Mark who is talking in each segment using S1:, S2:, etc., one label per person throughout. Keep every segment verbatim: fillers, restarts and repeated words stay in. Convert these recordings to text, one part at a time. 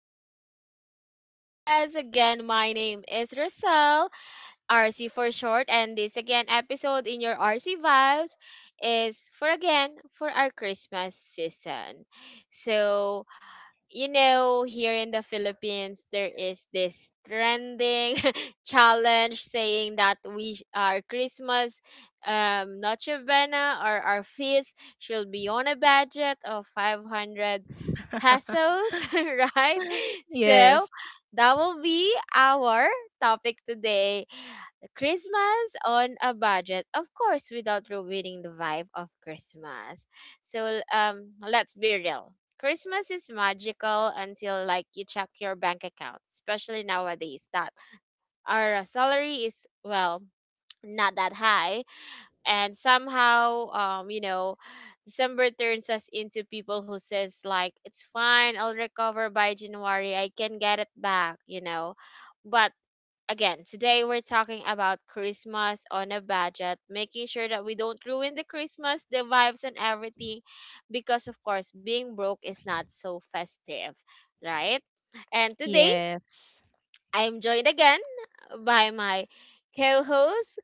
S1: back to our podcast. Again, my name is Rosel, R C for short, and this again episode in your R C vibes is for again for our Christmas season. So you know, here in the Philippines, there is this trending challenge saying that we sh- our Christmas um, Noche Buena or our feast should be on a budget of five hundred pesos, right? So
S2: Yes,
S1: that will be our topic today. Christmas on a budget, of course, without ruining the vibe of Christmas. So um, let's be real. Christmas is magical until like you check your bank account, especially nowadays that our salary is well not that high, and somehow um you know December turns us into people who says like it's fine, I'll recover by January, I can get it back, you know, but again, today we're talking about Christmas on a budget, making sure that we don't ruin the Christmas, the vibes, and everything, because of course, being broke is not so festive, right? And today,
S2: yes.
S1: I'm joined again by my co host,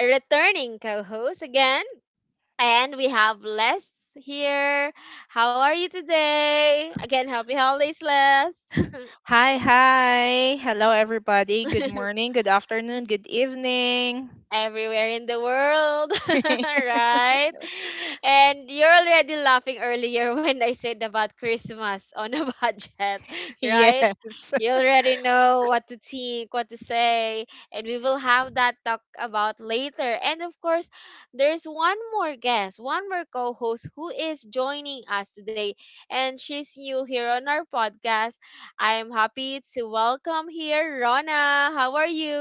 S1: returning co host again, and we have Les here. How are you today? Again, happy holidays, Les.
S2: Hi, hi. Hello, everybody. Good morning, good afternoon, good evening.
S1: Everywhere in the world, right? And you're already laughing earlier when I said about Christmas on a budget, right?
S2: Yes.
S1: You already know what to think, what to say, and we will have that talk about later. And of course, there's one more guest, one more co host who is joining us today, and she's new here on our podcast. I am happy to welcome here Rona. How are you?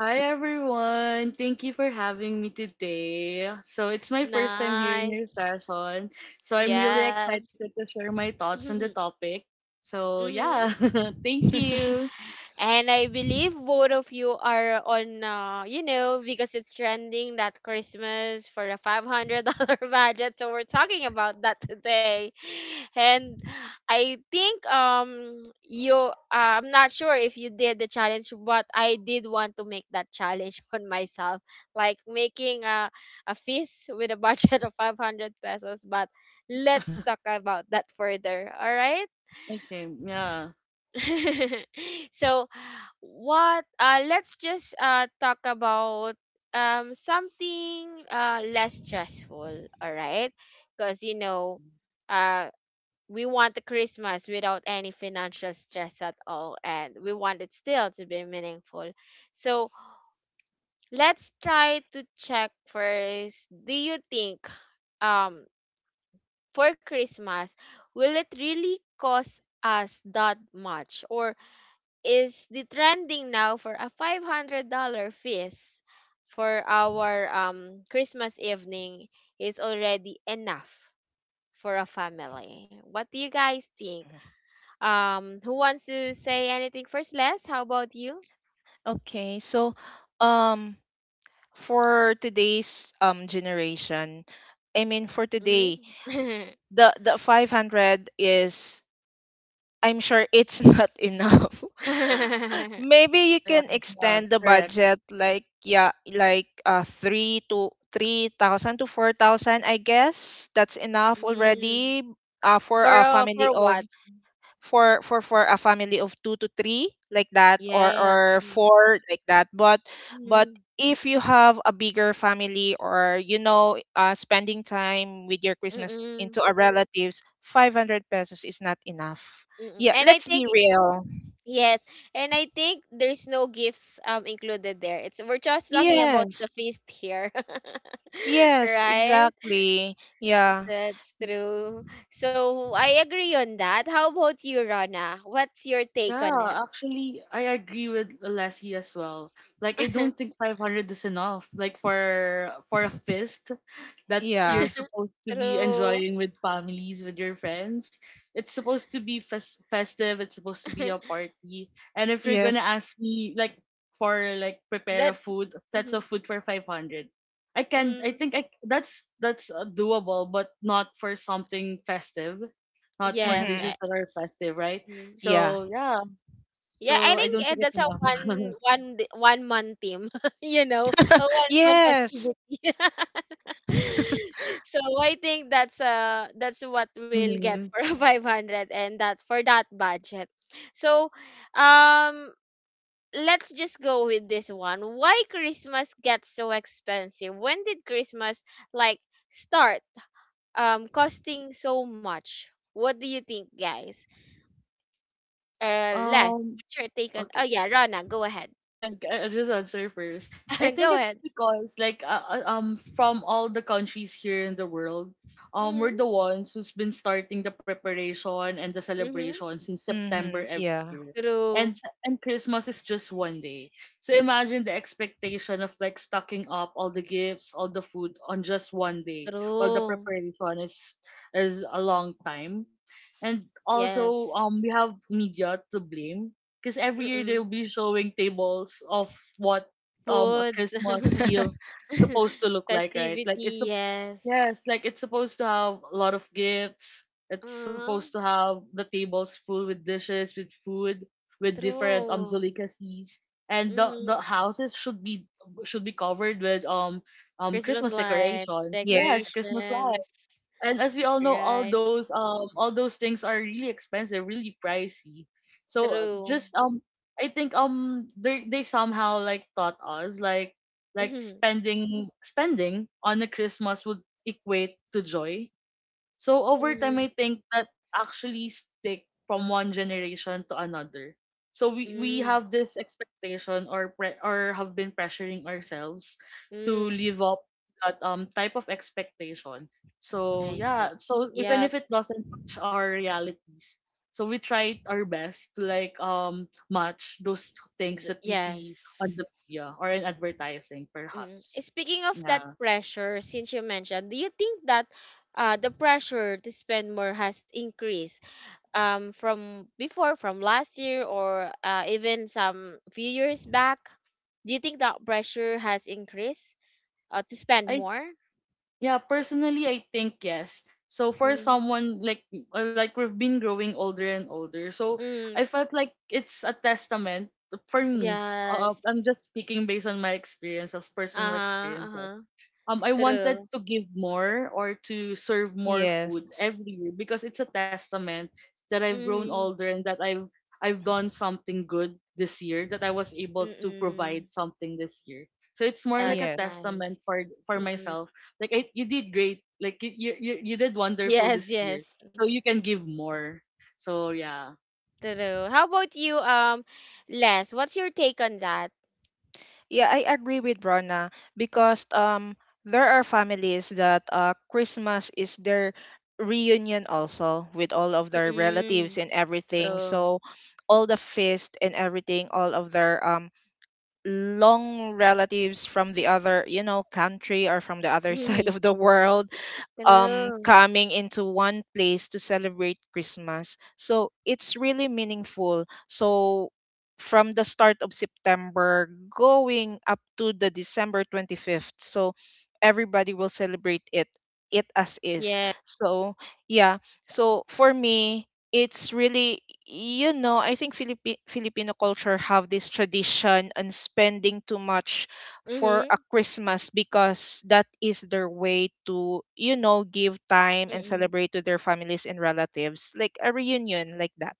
S3: Hi everyone. Thank you for having me today. So it's my first time here in your
S1: Nice.
S3: session. So I'm really
S1: Yes.
S3: excited to share my thoughts on the topic. So
S1: hmm
S3: yeah, thank you.
S1: And I believe both of you are on, uh, you know, because it's trending that Christmas for a five hundred dollars budget. So we're talking about that today. And I think um you, uh, I'm not sure if you did the challenge, but I did want to make that challenge on myself, like making a, a feast with a budget of five hundred pesos. But let's talk about that further. All right.
S3: Okay, yeah.
S1: So what uh let's just uh talk about um something uh less stressful, all right? Because you know uh we want a Christmas without any financial stress at all, and we want it still to be meaningful. So let's try to check first, do you think um for Christmas, will it really cost us that much, or is the trending now for a five hundred dollars feast for our um Christmas evening is already enough for a family. What do you guys think? Um who wants to say anything first, Les? How about you?
S2: Okay, so um for today's um generation, I mean for today,
S1: Mm-hmm.
S2: the the five hundred is I'm sure it's not enough. Maybe you
S3: Oh yeah,
S2: can
S3: yeah,
S2: extend the
S3: correct.
S2: budget like yeah, like uh three to three thousand to four thousand, I guess. That's enough
S1: Mm.
S2: already uh for
S1: For
S2: a
S1: uh, for
S2: family
S1: what?
S2: of for for for a family of two to three like that or
S1: Yes.
S2: or four like that but but
S1: Mm-hmm.
S2: if you have a bigger family or you know uh, spending time with your christmas
S1: Mm-mm.
S2: into our relatives five hundred pesos is not enough.
S1: Mm-mm.
S2: Yeah,
S1: And I
S2: let's be
S1: think.
S2: real.
S1: Yes, and I think there's no gifts um included there. It's we're just talking about the
S2: Yes,
S1: feast here.
S2: yes,
S1: Right?
S2: exactly. Yeah,
S1: That's true. So I agree on that. How about you, Rana? What's your take on
S3: Yeah,
S1: it?
S3: actually, I agree with Lassie as well. Like, I don't think five hundred is enough. Like for for a feast that you're
S2: yeah,
S3: supposed to be
S1: True.
S3: enjoying with families, with your friends, it's supposed to be fes- festive. It's supposed to be a party. And if you're gonna
S2: yes,
S3: ask me, like for like prepare a
S1: That's.
S3: food, sets
S1: Mhm.
S3: of food for five hundred, I can. I
S1: Mm,
S3: think I that's that's uh, doable, but not for something festive, not for
S1: yes. I.
S2: mm-hmm,
S3: dishes that are festive, right?
S1: Mm.
S2: yeah,
S3: So yeah,
S1: Yeah, I
S3: so, I
S1: think
S3: don't
S1: eh,
S3: think it's
S1: that's a
S3: enough.
S1: one one d- one man team, you know, a one man
S2: yes,
S1: festivity. So I think that's uh that's what we'll get
S3: Mhm.
S1: for a five hundred, and that for that budget. So, um let's just go with this one. Why Christmas gets so expensive? When did Christmas like start um costing so much? What do you think, guys? Uh, Les,
S3: Um,
S1: what's your take on? Oh
S3: okay.
S1: yeah, Rana, go ahead.
S3: I'll just answer first. I think
S1: Go
S3: it's
S1: ahead.
S3: because like uh, uh, um from all the countries here in the world, um
S1: Mhm,
S3: we're the ones who's been starting the preparation and the
S1: mhm.
S3: celebration since September
S2: mm-hmm,
S3: every
S2: yeah,
S3: year. And
S1: True,
S3: and Christmas is just one day. So imagine the expectation of like stocking up all the gifts, all the food on just one day. While the
S1: true.
S3: preparation is is a long time. And also
S1: Yes.
S3: um we have media to blame because every year they'll
S1: Mm-mm.
S3: be showing tables of what um a
S1: Foods,
S3: Christmas Eve supposed to look like, right? Like it's
S1: festivity.
S3: a
S1: Yes.
S3: Yes, like it's supposed to have a lot of gifts. It's
S1: Uh-huh.
S3: supposed to have the tables full with dishes, with food, with different um
S1: True.
S3: delicacies. And the the
S1: Mhm.
S3: houses should be should be covered with um um
S1: Christmas
S3: Christmas
S1: lights,
S3: decorations.
S2: yeah,
S3: Yes, Christmas lights,
S1: decorations.
S3: and as we all know, all
S1: Right.
S3: those um all those things are really expensive, really pricey. So uh,
S1: True.
S3: just um I think um they they somehow like taught us like like
S1: Mhm,
S3: spending spending on a Christmas would equate to joy. So over time,
S1: mhm,
S3: I think that actually stick from one generation to another. So we, we
S1: mhm,
S3: have this expectation, or pre- or have been pressuring ourselves to
S1: mhm.
S3: live up that um type of expectation. So
S1: I see.
S3: yeah, so even
S1: Yep.
S3: if it doesn't match our realities, so we try our best to like um match those things
S1: D-
S3: that we see on the
S1: yes.
S3: media or in advertising
S1: Mm.
S3: perhaps.
S1: Speaking of that
S3: Yeah.
S1: pressure, since you mentioned, do you think that uh, the pressure to spend more has increased um, from before, from last year, or uh, even some few years back? Do you think that pressure has increased uh, to spend
S3: I
S1: more?
S3: Yeah, personally, I think yes. So for
S1: Mm.
S3: someone like uh, like we've been growing older and older, so I
S1: Mm.
S3: felt like it's a testament for me. Uh,
S1: Yes.
S3: I'm just speaking based on my experiences, personal
S1: Uh-huh.
S3: experiences.
S1: Uh-huh.
S3: Um, I wanted
S1: True.
S3: to give more or to serve more food
S2: yes,
S3: every year, because it's a testament that I've grown
S1: Mm-hmm.
S3: older and that I've I've done something good this year, that I was able to
S1: Mm-mm.
S3: provide something this year. So it's more like
S1: That's
S3: a
S2: yes.
S1: nice.
S3: testament for for
S1: Mm-mm.
S3: myself, like, I, you did great. Like you, you you you did wonderful
S1: Yes,
S3: this year.
S1: yes.
S3: So you can give more. So yeah.
S1: True. How about you, um, Les? What's your take on that?
S2: Yeah, I agree with Rona because um there are families that uh Christmas is their reunion also with all of their
S1: Mm-mm.
S2: relatives and everything.
S1: True.
S2: So all the feast and everything, all of their um long relatives from the other, you know, country or from the other side of the world um
S1: True.
S2: coming into one place to celebrate Christmas. So it's really meaningful. So from the start of September going up to the December twenty-fifth. So everybody will celebrate it it as is.
S1: Yeah.
S2: So yeah. So for me it's really, you know, I think Philippi- filipino culture have this tradition on spending too much for a
S1: Mm-hmm.
S2: Christmas because that is their way to, you know, give time and
S1: Mm-mm.
S2: celebrate to their families and relatives, like a reunion like that.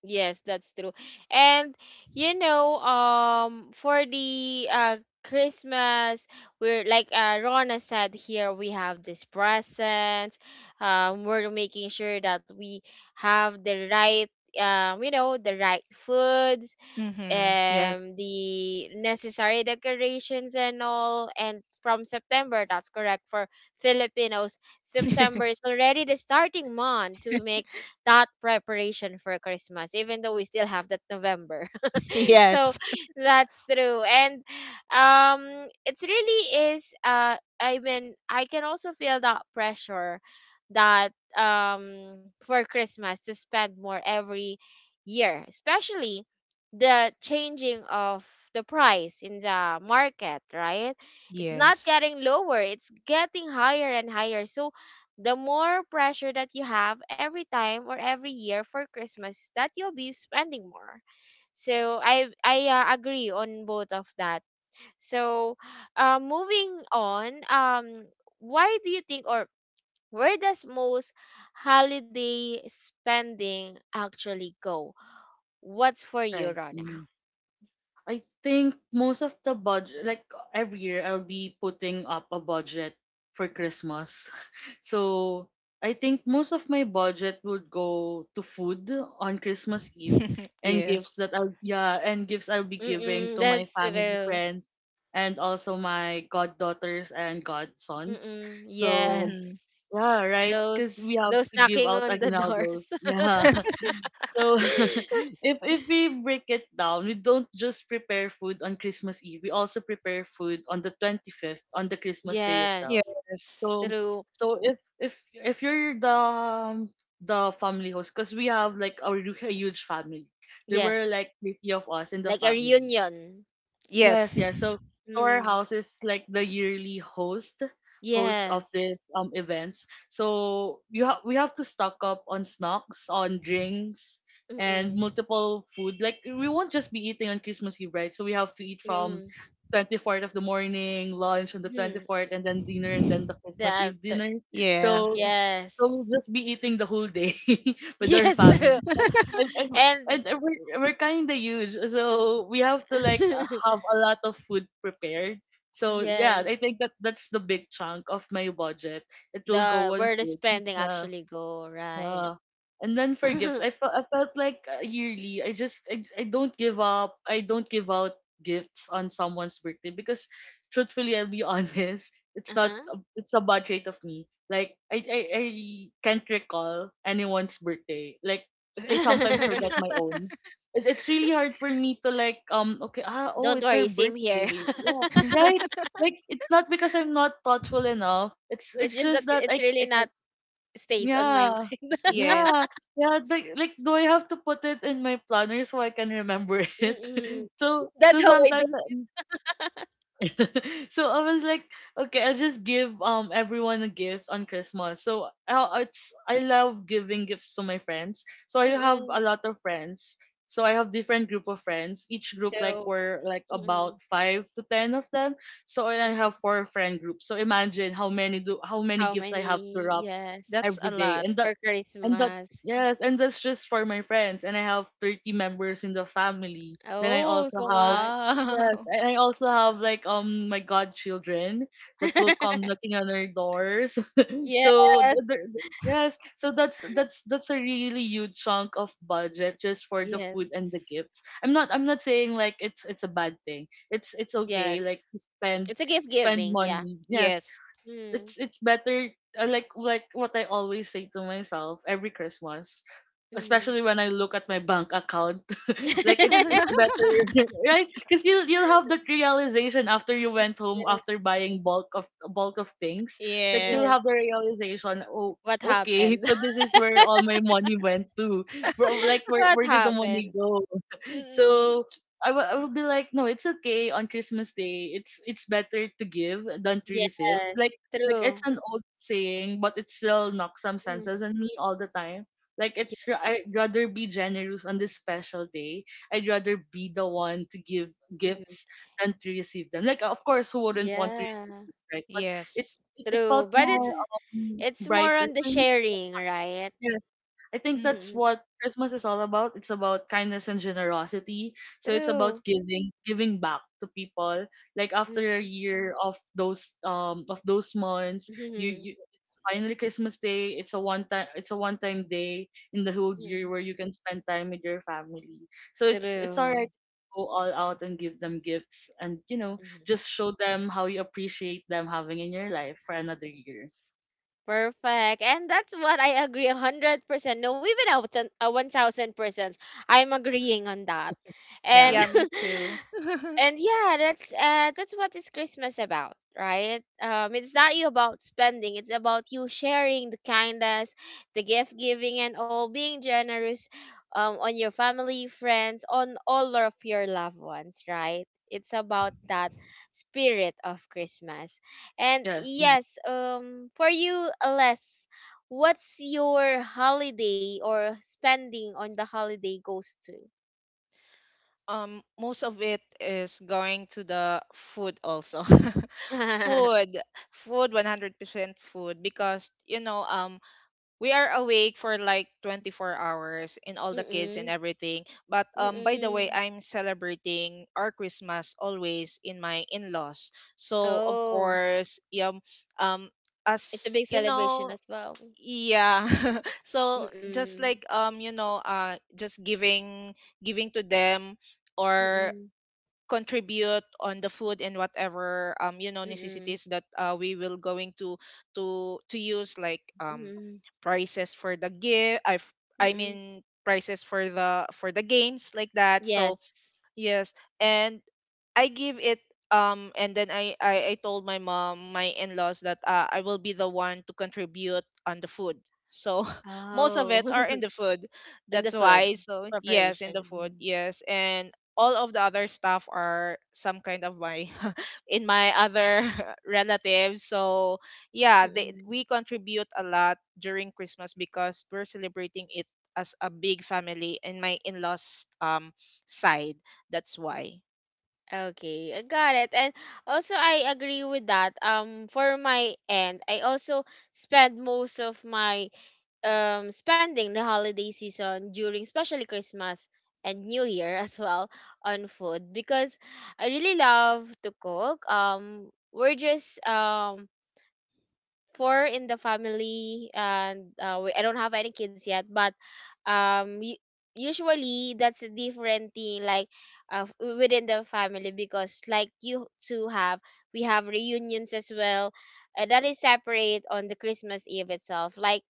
S1: Yes, that's true. And you know, um, for the uh Christmas, we're like uh Rona said here, we have these presents. Um, we're making sure that we have the right um, you know, the right foods,
S2: Mm-hmm. Yes.
S1: um the necessary decorations and all, and from September, that's correct. For Filipinos, September is already the starting month to make that preparation for Christmas, even though we still have that November. So
S2: Yes.
S1: that's true. And um it's really is, uh I mean, I can also feel that pressure that um for Christmas to spend more every year, especially the changing of the price in the market, right? It's not
S2: Yes.
S1: getting lower, it's getting higher and higher. So the more pressure that you have every time or every year for Christmas that you'll be spending more, so I I uh, agree on both of that. So uh, moving on, um, why do you think, or where does most holiday spending actually go? What's for you,
S3: Right.
S1: Rona?
S3: Mm. I think most of the budget, like every year, I'll be putting up a budget for Christmas. So I think most of my budget would go to food on Christmas Eve, and gifts
S2: Yes.
S3: that I'll yeah, and gifts I'll be giving
S1: Mm-mm,
S3: to my
S1: that's
S3: family,
S1: true.
S3: friends, and also my goddaughters and godsons.
S1: Mm-mm,
S3: So
S1: yes,
S2: Mm-hmm.
S3: yeah, right. Because we
S1: those
S3: have
S1: those
S3: to give
S1: knocking
S3: out
S1: on the
S3: aguinaldos.
S1: doors.
S3: Yeah. So if if we break it down, we don't just prepare food on Christmas Eve. We also prepare food on the twenty fifth, on the Christmas day itself.
S1: Yes,
S3: So
S2: Yes.
S1: true.
S3: so if if if you're the um, the family host, because we have like a, hu- a huge family. There were
S1: Yes,
S3: like fifty of us in the
S1: like a
S3: family.
S1: reunion.
S3: Yes, yes.
S2: Yes.
S3: So
S1: Mm,
S3: Storehouse is like the yearly host host of
S1: yes.
S3: this um events. So you ha- we have to stock up on snacks, on drinks, and
S1: Mm-mm,
S3: multiple food. Like we won't just be eating on Christmas Eve, right? So we have to eat from
S1: mm-mm.
S3: twenty-fourth of the morning, lunch on the
S1: Hmm.
S3: twenty-fourth, and then dinner, and then the Christmas
S1: That.
S3: Eve dinner.
S2: Yeah.
S3: So so
S1: Yes.
S3: we'll just be eating the whole day with our
S1: Yes, true.
S3: family. And, and and
S1: And
S3: uh, we're, we're kind of huge, so we have to like uh, have a lot of food prepared. So yeah,
S1: yes,
S3: I think that that's the big chunk of my budget. It will
S1: the
S3: go on
S1: where the
S3: food,
S1: spending
S3: yeah.
S1: actually go, right?
S3: Yeah. And then for
S1: Uh-huh.
S3: gifts, I felt I felt like, uh, yearly, I just I, I don't give up. I don't give out gifts on someone's birthday, because truthfully, I'll be honest, it's not a- it's a bad trait of me. Like I I, I can't recall anyone's birthday. Like I sometimes forget my own. It, it's really hard for me to, like, um okay, ah oh,
S1: Don't
S3: it's her
S1: worry, same here.
S3: birthday, yeah, right, like it's not because I'm not thoughtful enough. It's
S1: It's
S3: it's
S1: just that
S3: just that
S1: it's
S3: I
S1: really
S3: I
S1: not stays on my
S3: yeah.
S1: mind.
S3: Yeah.
S2: Yes.
S3: Yeah, like, like do I have to put it in my planner so I can remember it?
S1: Mm-mm.
S3: So
S1: That's
S3: so
S1: how I do.
S3: sometimes so I was like, okay, I'll just give um everyone a gift on Christmas. So I it's I love giving gifts to my friends. So I have
S1: Mm-mm.
S3: a lot of friends. So I have different group of friends. Each group like
S1: So,
S3: were like
S1: mm-mm.
S3: about five to ten of them. So I
S1: Mhm.
S3: have four friend groups. So imagine how many do how many
S1: How
S3: gifts I have to
S1: many?
S3: wrap
S1: Yes,
S2: That's a
S3: every day.
S2: lot.
S3: And that
S1: for
S3: and that
S1: Christmas.
S3: yes, and that's just for my friends. And I have thirty members in the family. Then I
S1: Oh,
S3: also
S1: so
S3: have
S1: much.
S3: Yes,
S2: Wow.
S3: and I also have like, um my godchildren, that will come knocking on our doors. So th-
S1: Yes.
S3: th- th- yes, so that's that's that's a really huge chunk of budget just for the
S1: Yes.
S3: food and the gifts. I'm not I'm not saying like it's it's a bad thing. It's it's okay like
S1: Yes.
S3: to spend
S1: It's a gift
S3: spend
S1: giving, yeah.
S3: money. Yes,
S2: Yes.
S1: Mm.
S3: it's it's better. I like like what I always say to myself every Christmas,
S1: Mm.
S3: especially when I look at my bank account. Like it's it's better, right? Because you'll you'll have that realization after you went home,
S1: Yes.
S3: after buying bulk of bulk of things. Like you'll
S1: Yes.
S2: Yes.
S3: have the realization, oh,
S1: What
S3: okay,
S1: happened?
S3: so this is where all my money went to. Bro, like where
S1: What
S3: where did the money
S1: happened?
S3: go?
S1: Mm.
S3: So I will I will be like, no, it's okay. On Christmas Day, It's it's better to give than to receive.
S1: Yes.
S3: Like like it's
S1: True.
S3: an old saying, but it still knocks some
S1: Mm.
S3: senses on me all the time. Like
S1: Yeah.
S3: it's ra- I'd rather be generous on this special day. I'd rather be the one to give
S1: Mm.
S3: gifts than to receive them. Like, of course, who wouldn't want to receive
S1: Yeah.
S3: gifts, right? But it's
S2: Yes.
S3: it it felt
S1: True. But it's
S3: more um,
S1: it's more
S3: brighter
S1: on the
S3: for me.
S1: sharing, right?
S3: Yeah. I think
S2: Mm.
S3: that's
S1: Mm.
S3: what Christmas is all about. It's about kindness and generosity. So it's about
S1: True.
S3: giving giving back to people. Like after a
S1: Mm.
S3: year of those um of those months, you, you, it's finally Christmas Day. It's a one time it's a one time day in the whole
S1: Mm.
S3: year where you can spend time with your family. So it's it's
S1: True.
S3: alright to go all out and give them gifts, and you know,
S1: Mm.
S3: just show them how you appreciate them having in your life for another year.
S1: Perfect. And that's what I agree one hundred percent. No, even a one thousand, a one thousand percent. I'm agreeing on that.
S3: Yeah.
S1: And
S2: Yeah, me too.
S1: and yeah, that's uh that's what is Christmas about, right? Um it's not you about spending, it's about you sharing the kindness, the gift giving and all, being generous um on your family, friends, on all of your loved ones, right? It's about that spirit of Christmas. And
S3: Yes. Mhm.
S1: yes, um for you, Les, what's your holiday or spending on the holiday goes to?
S2: um most of it is going to the food also. Food, food one hundred percent food because you know um we are awake for like twenty-four hours in all the kids and
S1: Mm-mm,
S2: everything, but um by the way
S1: mm-mm.
S2: I'm celebrating our christmas always in my in-laws, so of
S1: Oh,
S2: course, yeah. um
S1: it's a
S2: as
S1: big
S2: you
S1: celebration
S2: know,
S1: as well.
S2: yeah. So just
S1: Mm-mm.
S2: like, um you know, uh just giving, giving to them or
S1: Mm-mm.
S2: contribute on the food and whatever, um you know,
S1: Mm-mm.
S2: necessities that uh, we will going to to to use, like um
S1: Mm-mm.
S2: prices for the gift, i i
S1: Mm-mm.
S2: mean prices for the for the games like that. So
S1: Yes.
S2: yes, and I give it, um and then I I, I told my mom, my in-laws that uh, I will be the one to contribute on the food. So most of
S1: Oh,
S2: it are in the food.
S1: and the
S2: That's
S1: food
S2: why. So yes, in
S1: preparation.
S2: the food.
S1: Mm.
S2: Yes, and all of the other stuff are some kind of my in my other relatives. So yeah, they
S1: Mm-mm.
S2: we contribute a lot during Christmas because we're celebrating it as a big family in my in-laws um side, that's why.
S1: Okay, I got it. And also, I agree with that. Um, for my end, I also spend most of my um, spending the holiday season during especially Christmas and New Year, as well, on food because I really love to cook. Um, we're just um four in the family, and uh, we, I don't have any kids yet, but um u- usually that's a different thing, like uh, f- within the family, because like you two have, we have reunions as well, uh, that is separate on the Christmas Eve itself, like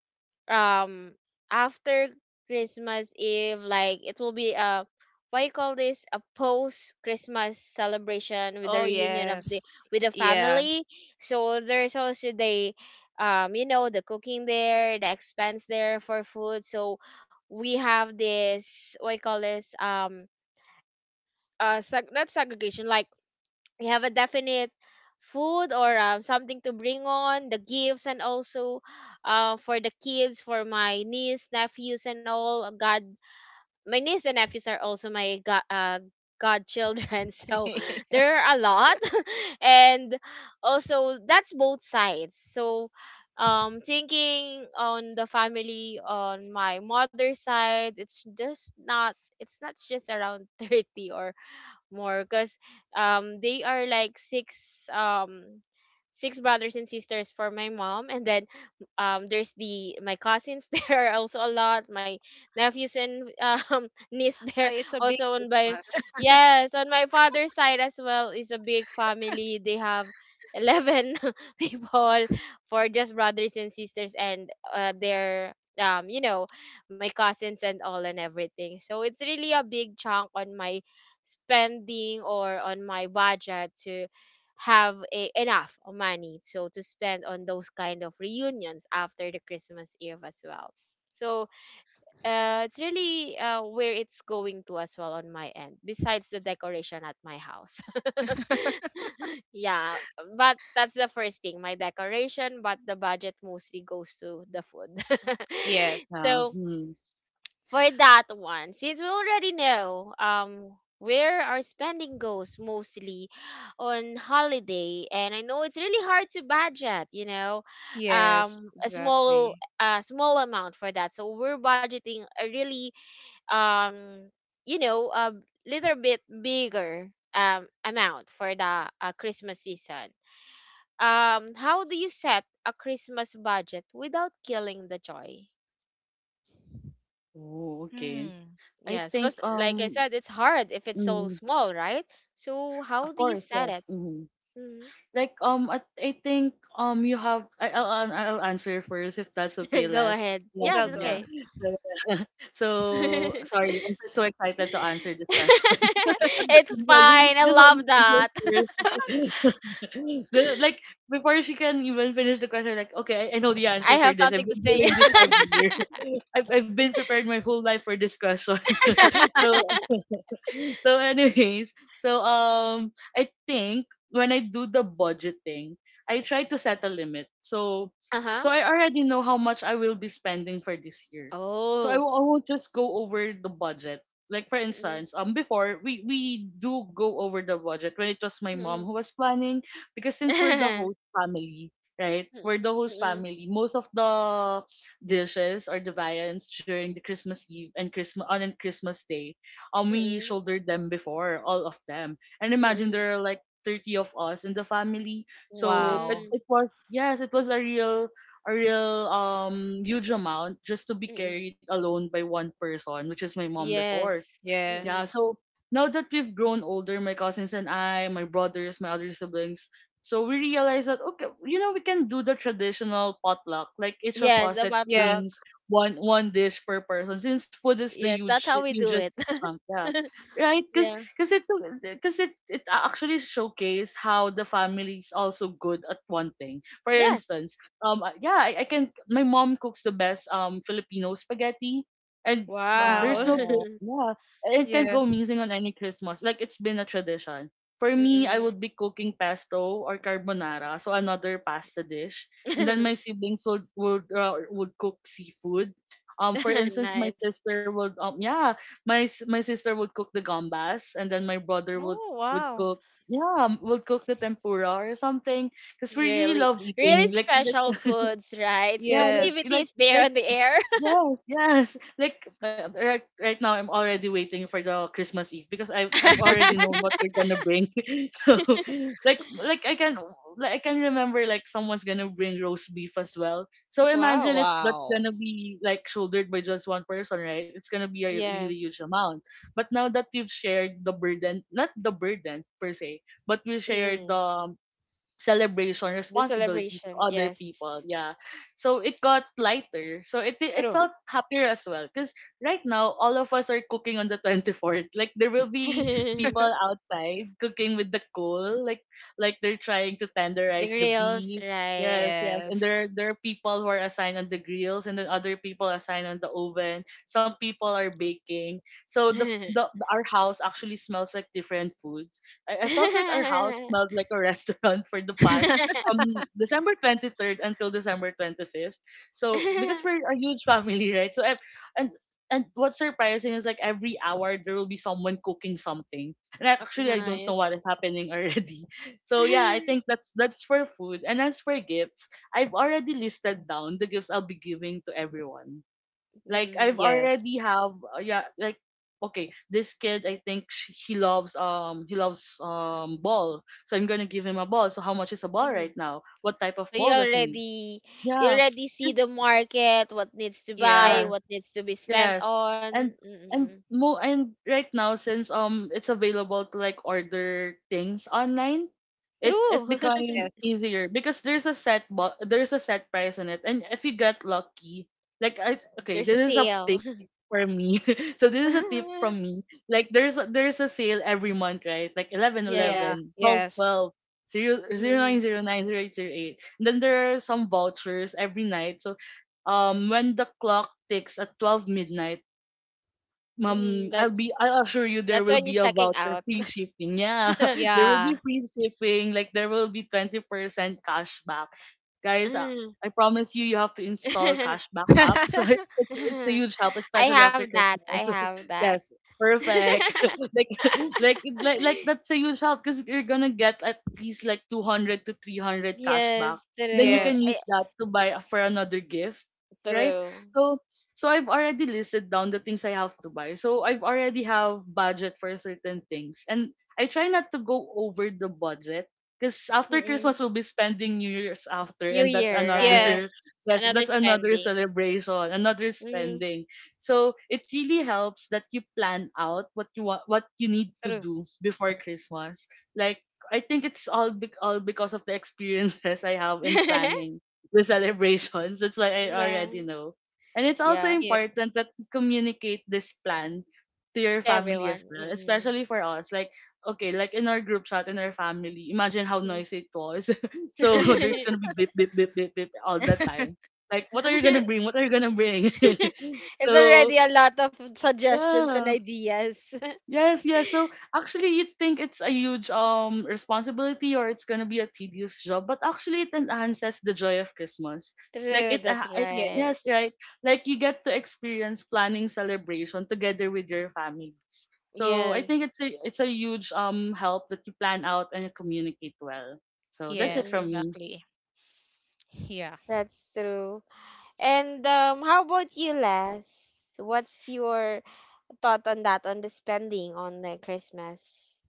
S1: um after Christmas Eve, like it will be a what you call this, a post Christmas celebration with the
S2: Oh,
S1: reunion of the
S2: yes.
S1: with the
S2: Yeah.
S1: family. So there's also the um you know the cooking there, the expense there for food. So we have this what you call this um uh seg- not segregation, like you have a definite food or um, something to bring on the gifts, and also uh, for the kids, for my niece nephews and all, god my niece and nephews are also my god uh, godchildren. So there are a lot. And also, that's both sides. So um thinking on the family on my mother's side, it's just not it's not just around thirty or more, because um they are like six um six brothers and sisters for my mom, and then um there's the my cousins. There are also a lot, my nephews and um niece
S2: Ah,
S1: there,
S2: it's a big
S1: also on by
S2: Christmas.
S1: yes, on my father's side as well is a big family, they have eleven people for just brothers and sisters, and uh, their um you know my cousins and all and everything, so it's really a big chunk on my spending or on my budget to have a, enough money, so to spend on those kind of reunions after the Christmas Eve as well. So uh, it's really uh, where it's going to as well, on my end, besides the decoration at my house. Yeah, but that's the first thing, my decoration. But the budget mostly goes to the food.
S2: Yes.
S3: Yeah.
S1: So
S3: Hmm.
S1: for that one, since we already know um where our spending goes mostly on holiday, and I know it's really hard to budget, you know,
S2: Yes,
S1: um a small
S2: exactly.
S1: a small amount for that. So we're budgeting a really um you know a little bit bigger um amount for the uh, Christmas season. Um, how do you set a Christmas budget without killing the joy?
S3: Oh, okay.
S2: Mm.
S3: I
S1: Yes, because
S3: think,
S1: like I
S3: um
S1: said, it's hard if it's so
S3: mm,
S1: small, right? So
S3: of
S1: how do you
S3: course,
S1: set
S3: yes.
S1: it?
S3: hmm
S1: Mhm.
S3: Like, um I, I think, um you have I, I'll an- I'll answer first, if that's okay,
S1: Go
S3: last
S1: ahead.
S2: Hey,
S1: Yes,
S3: last,
S2: go,
S1: it's
S2: go.
S3: yeah.
S1: okay.
S3: So, so sorry, I'm just so excited to answer this question.
S1: It's
S3: So I just
S1: fine. I
S3: just want to
S1: love
S3: answer
S1: that.
S3: first. The- like, before she can even finish the question, like, okay, I, I know the
S1: I
S3: answer for
S1: have
S3: this.
S1: something
S3: I've
S1: to
S3: been
S1: say.
S3: doing this every year. I've I've been prepared my whole life for this question. so so anyways, so um I think when I do the budgeting, I try to set a limit. So
S1: Uh-huh.
S3: so I already know how much I will be spending for this year. So I
S1: Oh.
S3: w- I won't just go over the budget. Like, for
S1: Mm-mm.
S3: instance, um before we we do go over the budget when it was my mom
S1: Mm-mm.
S3: who was planning, because since we're the host family, right? We're the
S1: Mm-mm.
S3: host
S1: Mm-mm.
S3: family. Most of the dishes or the viands during the Christmas Eve and Christmas on and Christmas Day, um we
S1: Mm-mm.
S3: shouldered them before, all of them. And imagine
S1: Mm-mm.
S3: there are like thirty of us in the family. So it,
S2: Wow.
S1: Mm-mm.
S3: it was, yes, it was a real a real um huge amount just to be
S1: Mm-mm.
S3: carried alone by one person, which is my mom before.
S1: Yes.
S3: Yeah,
S1: Mm-mm.
S2: Yes.
S3: so now that we've grown older, my cousins and I, my brothers, my other siblings, so we realize that okay, you know, we can do the traditional potluck, like each of
S1: Yes,
S3: us
S1: the
S3: let's
S1: matlock.
S3: bring
S2: Yes.
S3: one one dish per person, since food is the
S1: Yes, that's
S3: huge
S1: how we do
S3: hugest
S1: it.
S3: chunk, yeah, right? Because
S1: Yeah.
S3: because it's because it it actually showcase how the family is also good at one thing. For instance,
S1: Yes.
S3: um, I- yeah, I, I can my mom cooks the best um Filipino spaghetti, and um, there's
S1: Wow.
S3: no place.
S2: Wow.
S3: Yeah, it can't go
S2: Yeah.
S3: missing on any Christmas. Like it's been a tradition. For me, I
S1: Mm-mm.
S3: would be cooking pesto or carbonara, so another pasta dish, and then my siblings would would uh, would cook seafood. Um, for instance, my
S1: Nice.
S3: sister would um yeah, my s- my sister would cook the gambas, and then my brother would
S2: Oh,
S3: would
S2: wow.
S3: cook yeah um, would cook the tempura or something because we really
S1: Really,
S3: love
S1: really
S3: eating like
S1: special
S3: like
S1: foods, right?
S3: yeah like
S2: Yes.
S3: like
S1: Festivities there
S3: like
S1: on the air.
S3: yes, yes. Like uh, right, right now, I'm already waiting for the Christmas Eve because I've I've already known what we're gonna bring. so like like I can like I can remember, like someone's gonna bring roast beef as well. So imagine
S1: Wow.
S3: if that's
S2: Wow.
S3: gonna be like shouldered by just one person, right? It's gonna be a really
S1: Yes.
S3: huge amount. But now that we've shared the burden, not the burden per se, but we shared
S1: Mm.
S3: the um, celebration
S1: The
S3: responsibilities to
S1: celebration.
S3: other people,
S1: Yes.
S3: yeah, so it got lighter, so it it
S1: True.
S3: felt happier as well because right now all of us are cooking on the twenty-fourth. Like there will be people outside cooking with the coal, like like they're trying to
S1: The
S3: tenderize the
S1: grills,
S3: beef,
S1: right?
S3: yes, yes, and
S2: Yes.
S3: there there are people who are assigned on the grills and then other people assigned on the oven, some people are baking, so the f- the the- our house actually smells like different foods. I, I felt like our house smelled like a restaurant for the past from December twenty-third until December twenty-fifth. So because we're a huge family, right? So ev- and and what's surprising is, like, every hour there will be someone cooking something. And I, actually I don't know
S1: Nice.
S3: what is happening already. So yeah, I think that's that's for food. And as for gifts, I've already listed down the gifts I'll be giving to everyone. Like I've
S1: Mm.
S2: Yes.
S3: already have uh, yeah like okay, this kid, I think sh he loves um he loves um ball, so I'm gonna give him a ball. So how much is a ball right
S1: Mm.
S3: now? What type of
S1: So you
S3: ball does he need?
S1: already you
S3: Yeah.
S1: already see
S3: Just—
S1: the market, what needs to buy,
S2: Yeah.
S3: yeah,
S1: what needs to be spent
S3: yes.
S1: on.
S3: And and
S1: Mm-mm.
S3: mo and right now, since um it's available to like order things online, it
S1: True.
S3: it became
S2: Yes.
S3: easier because there's a set bo- there's a set price on it. And if you get lucky, like I— okay,
S1: There's a
S3: this is a
S1: sale.
S3: tip for me. so this is a tip from me. Like there's a, there's a sale every month, right? Like 11
S2: Yeah.
S1: Yes.
S3: eleven, twelve
S2: Yes.
S3: twelve, zero zero
S1: Mm-mm.
S3: nine zero nine, zero eight zero eight. Then there are some vouchers every night. So um, when the clock ticks at twelve midnight,
S1: Mm-hmm.
S3: Ma'am, I'll
S1: That's
S3: be I assure you there
S1: that's
S3: will
S1: when you're
S3: be a
S1: checking
S3: voucher,
S1: out.
S3: free shipping. Yeah. There will be
S2: Yeah.
S3: free shipping, like there will be twenty percent cashback. Guys, uh,
S1: Mm.
S3: I promise you, you have to install cashback app. So it's it's a huge help,
S1: I
S3: especially
S1: have
S3: after
S1: that. I
S3: Christmas.
S1: have that.
S3: yes. Perfect. like, like like like that's a huge help, cuz you're going to get at least like two hundred to three hundred cashback.
S1: Yes,
S3: Then you
S1: true.
S3: can
S2: Yes.
S1: Ay,
S3: use that to buy a- for another gift, right?
S1: true.
S3: So so I've already listed down the things I have to buy. So I've already have budget for certain things. And I try not to go over the budget because after Christmas
S1: Mm-mm.
S3: we'll be spending New Year's after
S1: New
S3: and that's
S1: year,
S3: another
S1: right?
S2: Yes.
S3: yes,
S1: Another
S3: that's another
S1: spending.
S3: celebration, another
S1: Mm,
S3: spending. So it really helps that you plan out what you want, what you need to
S1: true.
S3: do before Christmas. Like I think it's all bec- all because of the experiences I have in planning the celebrations. That's why I
S1: Nah.
S3: already know. And it's also
S1: Yeah,
S2: Yes.
S3: important that you communicate this plan to your
S1: to
S3: family
S1: everyone.
S3: as well,
S1: Mm-mm.
S3: especially for us. Like, okay, like in our group chat, in our family, imagine how
S1: Mm.
S3: noisy it was. so there's gonna be beep, beep, beep, beep, beep all the time. Like, what are you gonna bring? What are you gonna bring?
S1: It's
S3: so,
S1: already a lot of suggestions and
S3: yeah.
S1: ideas.
S3: Yes, yes. So actually, you'd think it's a huge um responsibility or it's gonna be a tedious job, but actually, it enhances the joy of Christmas. Like
S1: True,
S3: it, ah,
S1: that's
S3: it
S2: Yes,
S1: right.
S3: yes, right. Like you get to experience planning celebration together with your families. So I
S1: Yes.
S3: think it's a it's a huge um help that you plan out and you communicate well. So that's it
S2: yes,
S3: from
S1: Mm-mm.
S3: me.
S2: exactly. Yeah.
S1: That's true. And um how about you, Les? What's your thought on that, on the spending on the Christmas?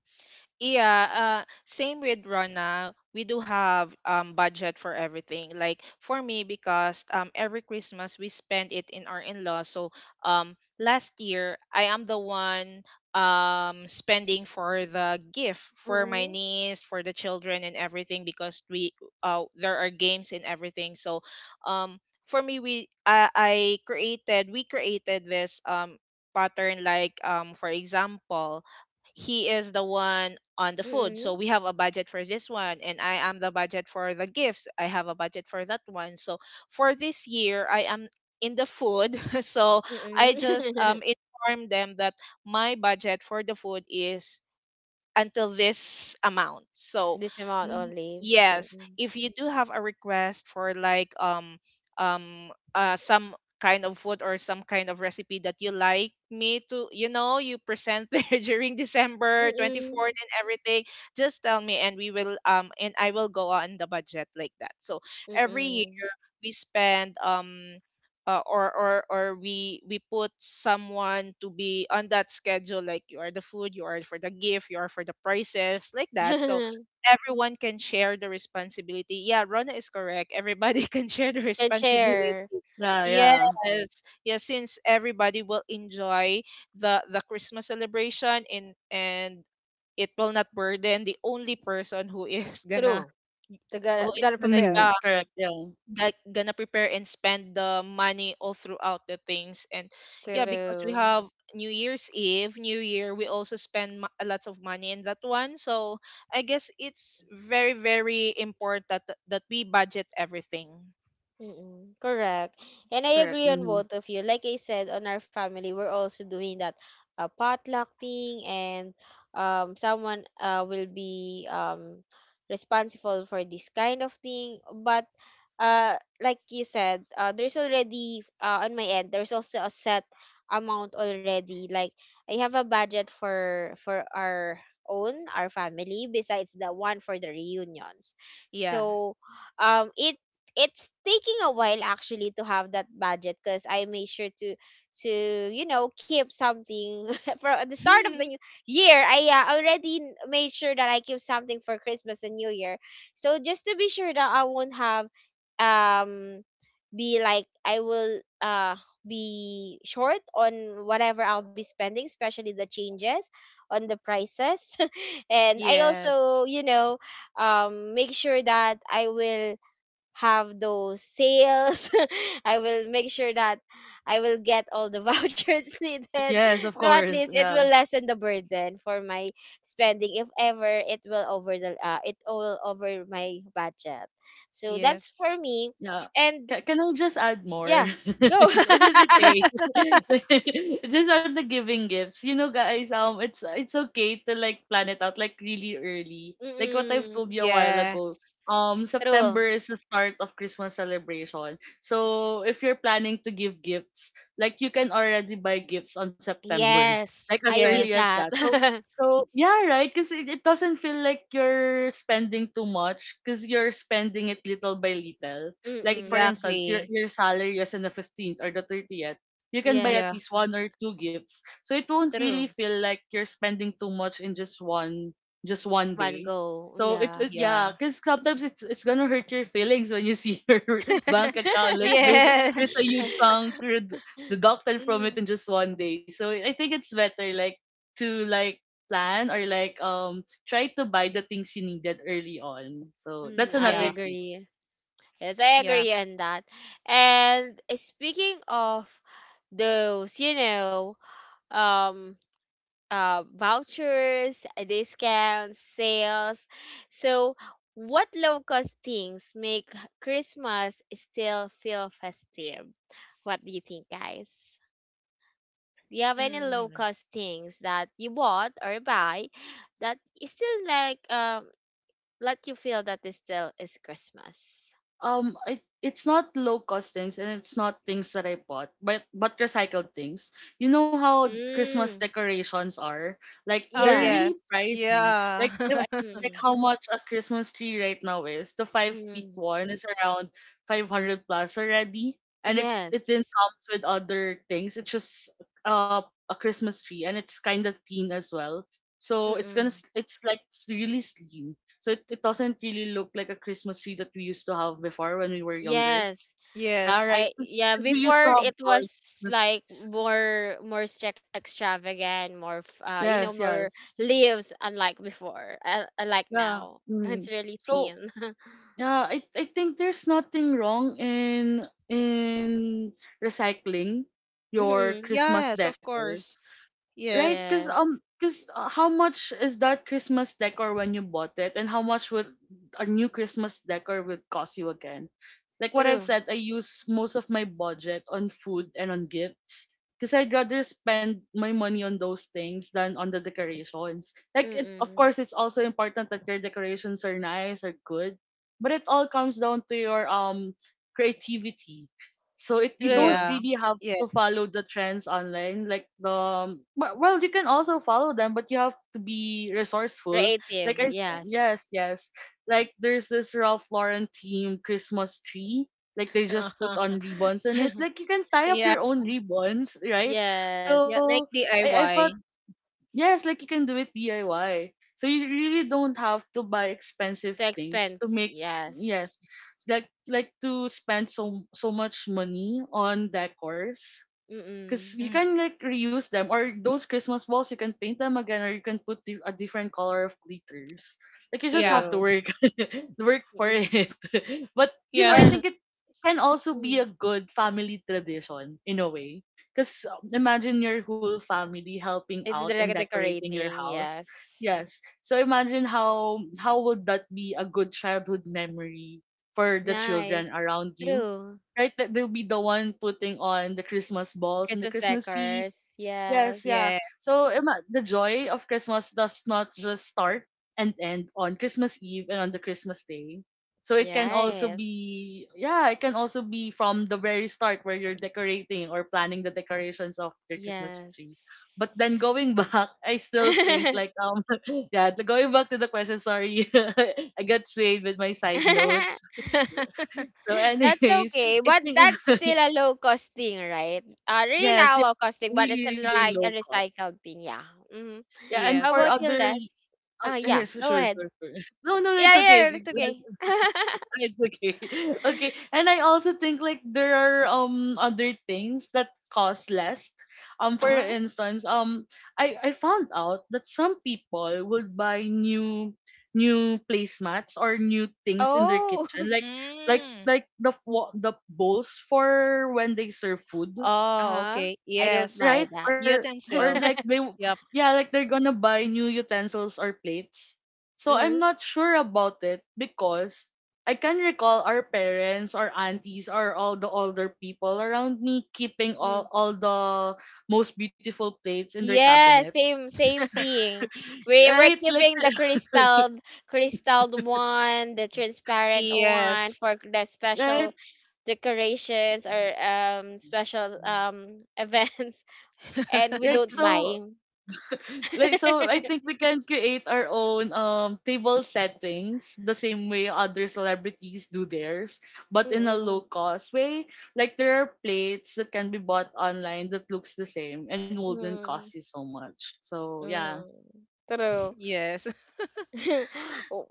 S2: Yeah, uh, same with Rona. We do have um budget for everything. Like for me, because um every Christmas we spend it in our in-law. So um last year I am the one um spending for the gift for my
S1: Mm-mm.
S2: niece, for the children and everything because we uh there are games and everything. So um for me we I, I created, we created this um pattern, like um for example, he is the one on the food. So
S1: Mm-mm.
S2: we have a budget for this one, and I am the budget for the gifts. I have a budget for that one. So for this year, I am in the food. So I just
S1: Mm-mm.
S2: um inform them that my budget for the food is until this amount. So,
S1: This amount
S2: n-
S1: only.
S2: yes,
S1: Mm-mm.
S2: if you do have a request for like um um uh some kind of food or some kind of recipe that you like me to, you know, you present there during december
S1: Mm-mm.
S2: twenty-fourth and everything, just tell me and we will um and I will go on the budget like that. So every,
S1: Mm-mm.
S2: we spend, um uh, or or or we we put someone to be on that schedule, like you are the food, you are for the gift, you are for the prices, like that. So everyone can share the responsibility. Yeah, Rona is correct, everybody can share the
S1: Can
S2: responsibility.
S1: share.
S3: Yeah,
S2: Yes,
S3: yeah.
S2: yeah, since everybody will enjoy the the christmas celebration in and it will not burden the only person who is gonna
S1: True. They
S2: who
S1: gotta
S2: is
S1: gotta
S2: gonna
S3: Mm,
S1: prepare
S2: yeah,
S3: correct. Yeah,
S2: like gonna prepare and spend the money all throughout the things. And yeah, because we
S1: to.
S2: have new year's eve, new year, we also spend mo- a lot of money in that one. So I guess it's very very important that that we budget everything.
S1: Mm-mm, correct. And I
S3: correct.
S1: agree on
S3: Hmm.
S1: both of you. Like I said, on our family, we're also doing that uh, potluck thing, and um, someone uh, will be um, responsible for this kind of thing. But uh, like you said, uh, there's already, uh, on my end, there's also a set amount already. Like I have a budget for for our own, our family, besides the one for the reunions.
S2: Yeah.
S1: So um, it, it's taking a while actually to have that budget because I made sure to to you know keep something for the start of the new year. I uh, already n- made sure that I keep something for Christmas and New Year. So just to be sure that I won't have um be like I will uh be short on whatever I'll be spending, especially the changes on the prices. And I also,
S2: Yes,
S1: you know, um make sure that I will have those sales. I will make sure that I will get all the vouchers needed.
S3: Yes, of
S1: So at
S3: course.
S1: least it
S3: Yeah.
S1: will lessen the burden for my spending if ever it will over the uh, it all over my budget. So that's
S2: yes,
S1: for me.
S3: Yeah.
S1: And
S3: Can, can I just add more?
S1: yeah, go.
S3: Is it okay? just on the giving gifts, you know, guys. Um, it's it's okay to like plan it out like really early. Like what I've told
S1: Mm-mm.
S3: you a while ago.
S2: yes,
S3: Um,
S1: True.
S3: September is the start of Christmas celebration. So if you're planning to give gifts, like you can already buy gifts on September, like
S1: Yes,
S3: as
S1: I
S3: early
S1: did
S3: as
S2: yes,
S1: that.
S3: that. So so yeah, right? Because it, it doesn't feel like you're spending too much because you're spending it little by little. Like for
S1: Mm-mm.
S3: instance, your
S2: exactly.
S3: your salary is on the fifteenth or the thirtieth. You can buy
S1: Yes,
S3: at
S2: Yeah,
S3: least one or two gifts. So it won't really
S1: true.
S3: feel like you're spending too much in just one just one
S1: One
S3: day.
S1: go.
S3: So it,
S1: Yeah.
S3: it yeah,
S2: yeah.
S3: because sometimes it's it's gonna hurt your feelings when you see your bank account. Like there's there's a
S2: Yes.
S3: huge chunk red- deducted from it
S1: Mm,
S3: in just one day. So I think it's better like to like plan or like um try to buy the things you needed early on. So
S1: mm,
S3: that's
S1: I
S3: another
S2: Yeah,
S3: tip.
S1: agree. Yes, I
S2: yeah.
S1: agree on that. And uh, speaking of those, you know, um, uh, vouchers, uh, discounts, sales. So, what low cost things make Christmas still feel festive? What do you think, guys? Do you have any low
S2: Mm.
S1: cost things that you bought or buy that is still like um let you feel that this still is Christmas.
S3: um I, it's not low cost things and it's not things that I bought, but but recycled things. You know how Christmas
S1: Mm.
S3: decorations are? Like
S2: Oh
S3: they're really
S2: yes.
S1: Yes.
S3: pricey.
S2: Yeah.
S3: Like if I- Like
S1: Mm.
S3: how much a Christmas tree right now is. The five feet
S1: Mm.
S3: one is around five hundred plus already. And it, it
S1: Yes.
S3: then comes with other things. It's just uh, a Christmas tree and it's kinda thin as well. So it's gonna
S1: Mm-mm.
S3: s- it's like really slim, so it, it doesn't really look like a Christmas tree that we used to have before when we were younger.
S1: Yes.
S3: Yeah, right.
S2: Yes.
S1: I yeah,
S3: Because we used
S1: before
S3: to have
S1: it
S3: our
S1: was
S3: Christmas
S1: like
S3: trees.
S1: more more strict extravagant, more f- uh you know,
S3: Yes,
S1: more
S3: yes.
S1: leaves unlike before. Uh, unlike
S3: Yeah.
S1: now. It's
S3: Mm.
S1: really
S3: So
S1: thin.
S3: yeah, I I think there's nothing wrong in in recycling your
S1: Mhm.
S3: Christmas
S2: Yes, of
S3: decor.
S2: course.
S3: Right?
S2: Yes.
S3: Because
S1: Yes.
S3: um, cause uh, how much is that Christmas decor when you bought it, and how much would a new Christmas decor would cost you again? Like what I've
S1: True.
S3: said, I use most of my budget on food and on gifts because I'd rather spend my money on those things than on the decorations. Like it, of
S1: Mm-mm.
S3: course, it's also important that your decorations are nice are good, but it all comes down to your um creativity. So it you don't
S1: True.
S2: Yeah.
S3: really have
S2: Yeah.
S3: to follow the trends online, like the but- well, you can also follow them, but you have to be resourceful. Like
S1: Creative.
S3: I s-
S1: Yes.
S3: yes, yes, like there's this Ralph Lauren themed Christmas tree. Like they just put on ribbons on it. Like you can tie up
S2: Yeah.
S3: your own ribbons, right?
S1: Yes.
S2: Yeah,
S3: So
S2: like
S3: I I felt
S2: D I Y.
S3: yes, like you can do it D I Y. So you really don't have to buy expensive
S1: The
S3: things to
S1: expense,
S3: make
S1: yes.
S3: yes, like like to spend so so much money on decors. Because
S1: Mm-mm.
S3: you
S2: Mm,
S3: can like reuse them, or those Christmas balls, you can paint them again, or you can put di- a different color of glitters. Like you just
S2: yeah.
S3: have to
S1: True.
S3: work, work for
S1: Mm-mm.
S3: it. but you know, I
S1: Or
S2: Yeah.
S3: think it can also be
S1: mm,
S3: a good family tradition in a way. Because imagine your whole family helping
S1: it's
S3: out
S1: the
S3: and
S1: rec-
S3: decorating your
S1: decorating,
S3: house.
S1: yes.
S3: Yes. So imagine how how would that be a good childhood memory for the children
S1: Nice.
S3: around you,
S1: True.
S3: right? That they'll be the one putting on the Christmas balls and the
S1: Christmas
S3: Christmas feast.
S1: decors, yes.
S3: Yes, yeah.
S2: Yeah.
S3: So ima- the joy of Christmas does not just start and end on Christmas Eve and on the Christmas day. So it can
S2: Yeah.
S3: also
S1: Right.
S3: be yeah, it can also be from the very start where you're decorating or planning the decorations of your Christmas tree. But
S1: Yes.
S3: then going back, I still think like um yeah, the- going back to the question, sorry. I got swayed with my side notes. So,
S1: That's
S3: anyways,
S1: okay,
S3: I
S1: but
S3: think
S1: that's still a low cost thing, right? Uh, really
S3: yes,
S1: not a
S3: yeah,
S1: low cost thing, but it's a,
S3: really, really
S1: like a
S3: low cost.
S1: recycled thing, yeah. Mm-hmm.
S3: Yeah, and
S1: How
S2: Yes.
S3: for
S1: about you,
S3: other— okay,
S1: Les? Ah, yeah,
S3: yes,
S1: go
S3: sure,
S1: ahead.
S3: sure, sure. No, no, it's
S1: Yeah,
S3: okay.
S1: yeah, that's okay.
S3: It- It's okay. Okay. And I also think like there are um other things that cost less. Um for
S1: Uh-huh.
S3: instance, um I I found out that some people would buy new new placemats or new things in their
S1: Oh.
S3: kitchen like like
S2: Mm.
S3: like the fo- the bowls for when they serve food,
S2: Oh,
S1: Uh-huh.
S2: okay.
S1: I don't
S2: Yes.
S1: buy
S3: right?
S1: that.
S3: Or or like
S2: Utensils.
S3: they w-
S2: Yep.
S3: Yeah, like they're gonna buy new utensils or plates. So I'm
S1: Hmm.
S3: not sure about it because I can recall our parents or aunties or all the older people around me keeping all,
S1: Hmm.
S3: all the most beautiful plates in their
S1: Yeah,
S3: cabinets.
S1: same same thing. We we're
S3: Right? Like
S1: keeping the crystal crystal one, the transparent one
S2: Yes.
S1: for the
S3: right?
S1: special decorations or um special um events, and we
S3: Like
S1: don't
S3: so
S1: buy.
S3: like so I think we can create our own um table settings the same way other celebrities do theirs, but in a low
S1: Mm-mm.
S3: cost way. Like there are plates that can be bought online that looks the same and wouldn't
S1: Mm-mm.
S3: cost you so much. So yeah.
S1: Mm-mm. True.
S2: Yes.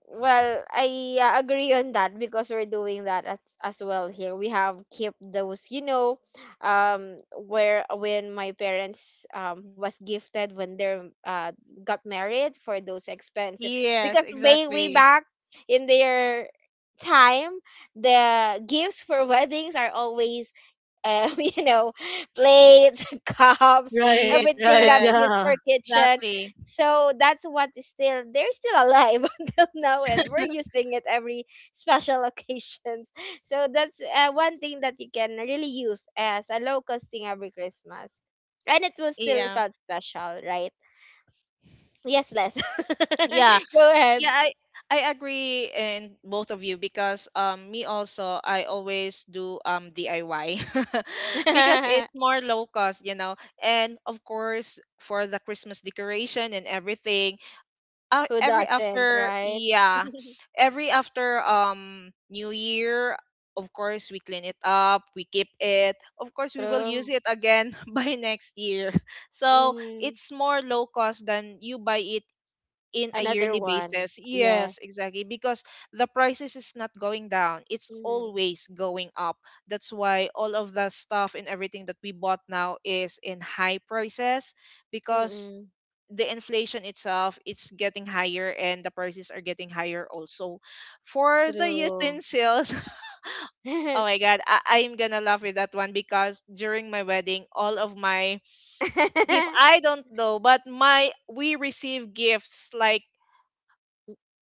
S1: Well, I uh, agree on that because we're doing that as, as well here. We have kept those, you know, um, where when my parents um was gifted when they uh got married, for those expenses
S2: Yes,
S1: because way way
S2: exactly.
S1: back in their time, the gifts for weddings are always um, you know, plates, cups,
S3: Right,
S2: Yes,
S1: everything
S3: right,
S1: that's used
S3: yeah.
S1: for kitchen.
S2: exactly.
S1: So that's what is still they're still alive until now, and we're using it every special occasions. So that's uh, one thing that you can really use as a low cost thing every Christmas, and it will still
S2: Yeah.
S1: felt special, right? Yes, Les.
S2: Yeah.
S1: Go ahead.
S2: Yeah, I I agree in both of you because um me also, I always do um D I Y because it's more low cost, you know. And of course for the Christmas decoration and everything, uh,
S1: Who
S2: every
S1: doesn't,
S2: after
S1: right?
S2: yeah, every after um New Year, of course we clean it up, we keep it, of course we will use
S1: True.
S2: it again by next year. So
S1: Hmm.
S2: it's more low cost than you buy it in a
S1: Another
S2: yearly
S1: one.
S2: basis.
S1: Yeah.
S2: Yes, exactly. Because the prices is not going down. It's
S1: Mm-hmm.
S2: always going up. That's why all of the stuff and everything that we bought now is in high prices because
S1: Mm-hmm.
S2: the inflation itself it's getting higher and the prices are getting higher also for the
S1: True.
S2: utensils. Oh my god, I am gonna laugh with that one because during my wedding all of my gift I don't know, but my we receive gifts like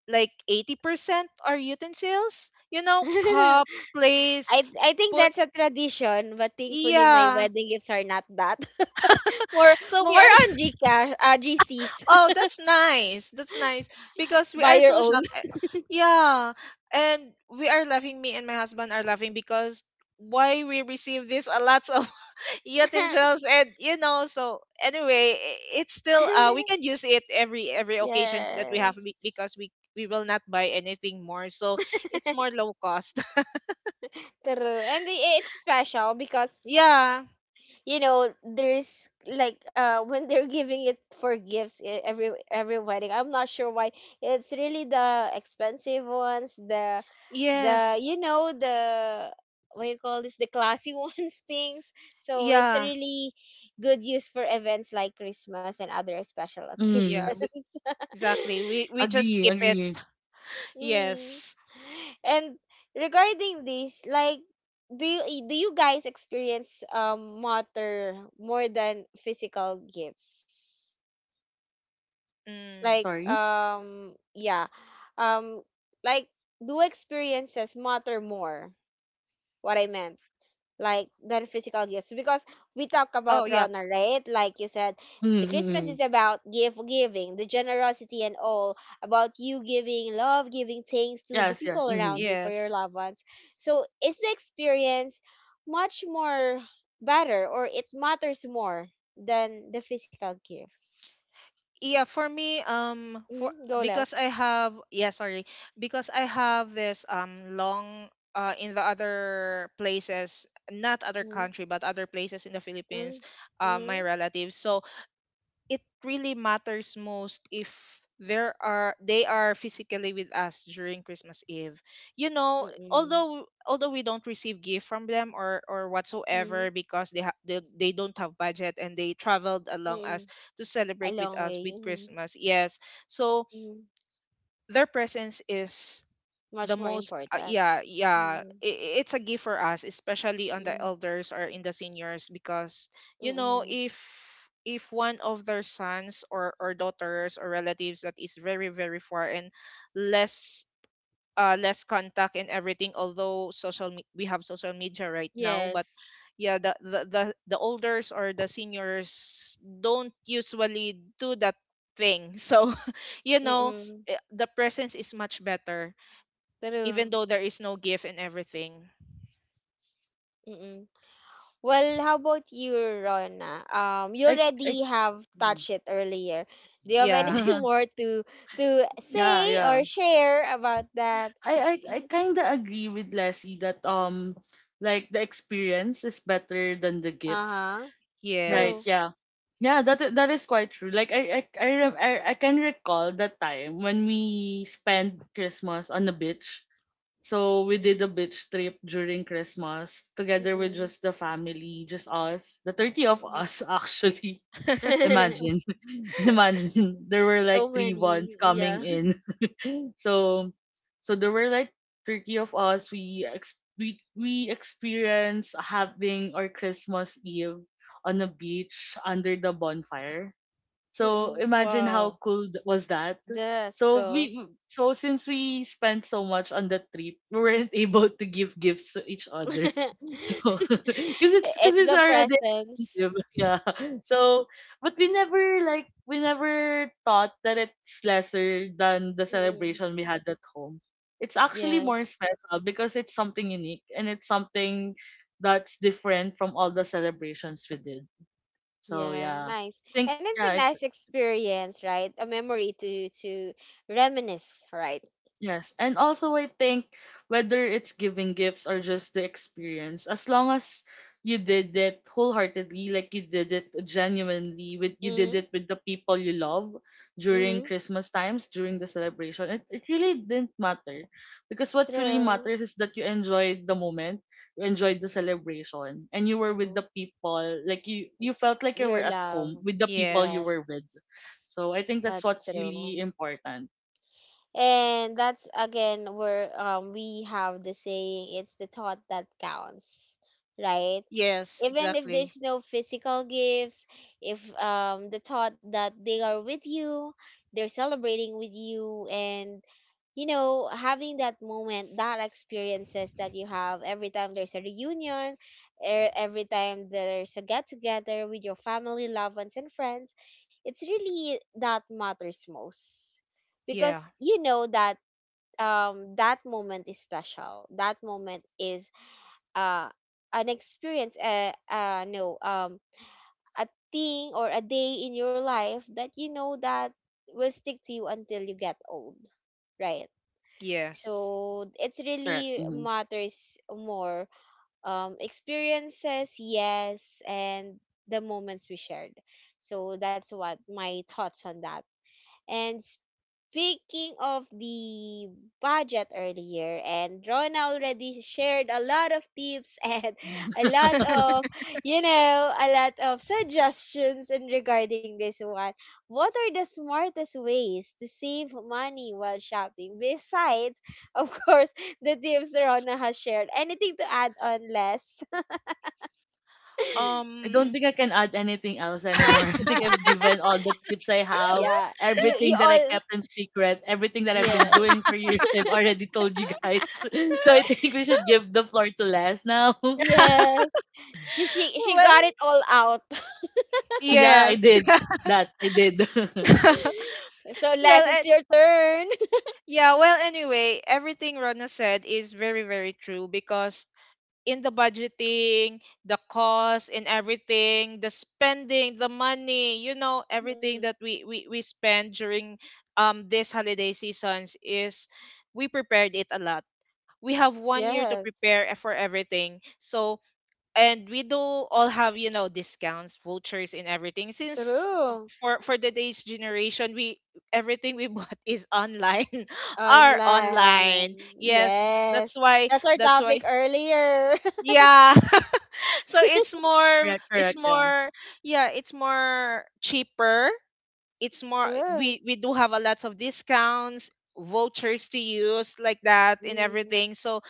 S2: like eighty percent are utensils, you know, cups, plates,
S1: I I think
S2: spoon.
S1: that's a tradition, but thankfully my
S2: Yeah.
S1: wedding gifts are not that. More,
S2: So we
S1: more
S2: are,
S1: on GCash, uh, G Cs.
S2: oh, that's nice. That's nice because we
S1: Buy
S2: are
S1: your
S2: so
S1: own.
S2: shocked. Eh, yeah. And we are laughing, me and my husband are laughing, because why we receive this a lots of utensils and you know. So anyway, i- it's still, uh we can use it every every occasions that we have be- because
S1: Yes.
S2: we we will not buy anything more, so it's more low cost.
S1: True. And i- it's special because
S2: Yeah.
S1: you know there's like uh when they're giving it for gifts, e- every every wedding. I'm not sure why it's really the expensive ones, the the
S2: Yes.
S1: you know, the what you call this, the classy ones things, so it's a
S2: Yeah.
S1: really good use for events like Christmas and other special occasions.
S3: Mm.
S2: Yeah. We, exactly. We we just
S3: Agree,
S2: keep it.
S3: agree.
S1: Mm.
S2: Yes.
S1: And regarding this, like, do you i- do you guys experience um matter more than physical gifts?
S2: Mm.
S1: Like,
S3: Sorry.
S1: um, yeah, um, like, do experiences matter more? What I meant, like, than physical gifts, because we talk
S2: Oh
S1: about
S2: yeah.
S1: Rona, right? Like you said,
S3: Mm,
S1: the
S3: mm,
S1: Christmas is
S3: mm.
S1: about gift giving, the generosity and all, about you giving love, giving thanks to the
S3: Yes, yes.
S1: people
S3: Mm-hmm.
S1: around you, for your
S2: Yes.
S1: loved ones. So is the experience much more better, or it matters more than the physical gifts?
S2: Yeah, for me, um, for
S1: Mm-hmm. Go,
S2: because
S1: less.
S2: I have yeah, sorry, because I have this um long, uh in the other places, not other
S1: Mm-hmm.
S2: country, but other places in the Philippines, uh,
S1: Mm-hmm.
S2: my relatives. So it really matters most if there are they are physically with us during Christmas Eve. You know,
S1: Mm-hmm.
S2: although, although we don't receive gift from them or or
S1: Mm-hmm.
S2: whatsoever because they ha- they, they don't have budget and they traveled along
S1: Hmm.
S2: us to
S1: A
S2: celebrate
S1: long
S2: with us
S1: way.
S2: with
S1: Mm-hmm.
S2: Christmas. Yes. So
S1: Mm-hmm.
S2: their presence is
S1: Much
S2: the
S1: more
S2: most uh,
S1: important.
S2: yeah, yeah, i- it's a gift for us, especially on the
S1: Mm,
S2: elders or in the seniors, because you know
S1: mm.
S2: if if one of their sons or or daughters or relatives that is very very far and less uh less contact and everything, although social me- we have social media right now, but
S1: Yes.
S2: yeah, the, the the the elders or the seniors don't usually do that thing, so you know,
S1: Mm.
S2: eh, the presence is much better even
S1: True.
S2: though there is no gift and everything.
S1: Mm. Well, how about you, Rona? Um, you
S3: I, I.
S1: already have touched it earlier. Do you have
S2: Yeah.
S1: anything more to to
S3: Yeah,
S1: say
S3: yeah.
S1: or share about that?
S3: I I, I kind of agree with Leslie that um like the experience is better than the gifts.
S1: Uh-huh.
S3: Right?
S1: True.
S2: Yes.
S3: Yeah. Yeah, that i- that is quite true. Like I I I, rem- I I can recall that time when we spent Christmas on the beach. So we did a
S1: Mm-mm.
S3: beach trip during Christmas together with
S1: Mm.
S3: just the family, just us, the thirty of
S1: Mm.
S3: us actually. Imagine, imagine there were
S1: So
S3: like three ones
S1: many. Yeah.
S3: coming in. so, so there were like thirty of us. We ex- we we experienced having our Christmas Eve on a beach under the bonfire. So
S1: Mm-mm.
S3: imagine how
S2: Wow.
S3: cool th- was that.
S1: That's
S3: So
S1: cool.
S3: we so since we spent so much on the trip, we weren't able to give gifts to each other. So, because it's because
S1: It's
S3: it's
S1: the
S3: already
S1: presence.
S3: expensive. Yeah. So, but we never like we never thought that it's lesser than the
S1: Mm-mm.
S3: celebration we had at home. It's actually more
S1: Yes.
S3: special because it's something unique and it's something that's different from all the celebrations we did. So
S1: Yeah,
S3: yeah,
S1: nice.
S3: I think
S1: And it's a
S3: yeah, it's.
S1: nice experience, right? A memory to to reminisce, right?
S3: Yes, and also I think whether it's giving gifts or just the experience, as long as you did it wholeheartedly, like you did it genuinely, with you did
S1: Mm-hmm.
S3: it with the people you love during
S1: Mm-hmm.
S3: Christmas times, during the celebration, it, it really didn't matter. Because what really
S1: True.
S3: matters is that you enjoyed the moment, you enjoyed the celebration, and you were with
S1: Mm-hmm.
S3: the people, like you you felt like you were
S1: Your
S3: at home
S1: love.
S3: with the people
S1: Yes,
S3: you
S2: Yes.
S3: were with. So I think that's
S1: that's
S3: what's
S1: true.
S3: really important.
S1: And that's again where um we have the saying, it's the thought that counts, right?
S2: Yes,
S1: Even if
S2: exactly.
S1: there's no physical gifts, if um the thought that they are with you, they're celebrating with you, and you know, having that moment, that experiences that you have every time there's a reunion, e- every time there's a get together with your family, loved ones and friends, it's really that matters most,
S2: Yeah.
S1: because you know that um that moment is special, that moment is uh an experience, uh, uh no um a thing or a day in your life that you know that will stick to you until you get old, right?
S2: Yes.
S1: So it's
S3: Correct.
S1: really
S3: Mm-hmm.
S1: matters more, um experiences, yes, and the moments we shared. So that's what my thoughts on that. And speaking of the budget earlier, and Rona already shared a lot of tips and a lot of, you know, a lot of suggestions in regarding this one. What are the smartest ways to save money while shopping? Besides, of course, the tips Rona has shared. Anything to add on, less?
S3: I don't
S2: Um
S3: think I can add anything else anymore. I think I've given all the tips I have,
S1: Yeah, you
S3: everything
S1: you
S3: that I
S1: all.
S3: kept in secret, everything that I've been
S1: Yes.
S3: doing for years. I've already told you guys. So I think we should give the floor to Les now.
S1: Yes, she she she
S2: Well,
S1: got it all out.
S3: Yeah, I
S2: yes.
S3: did that. I did.
S1: So, Les,
S2: Well,
S1: it's
S2: and
S1: your turn.
S2: yeah, well anyway, everything Rona said is very very true because in the budgeting, the cost and everything, the spending, the money, you know, everything
S1: Mm.
S2: that we we, we spend during um this holiday seasons is we prepared it a lot. We have one year to
S1: Yes,
S2: prepare, e, for everything. So and we do all have, you know, discounts, vouchers and everything. Since
S1: true.
S2: for for today's generation, we everything we bought is online are
S1: Online.
S2: online. Yes, that's
S1: Yes,
S2: why
S1: that's our
S2: that's
S1: topic
S2: why
S1: earlier.
S2: yeah so it's more
S3: Correct,
S2: it's
S3: correct. Yeah.
S2: more yeah, it's more cheaper. It's more
S1: True.
S2: we we do have a lots of discounts, vouchers to use like that and
S1: Mm,
S2: everything, so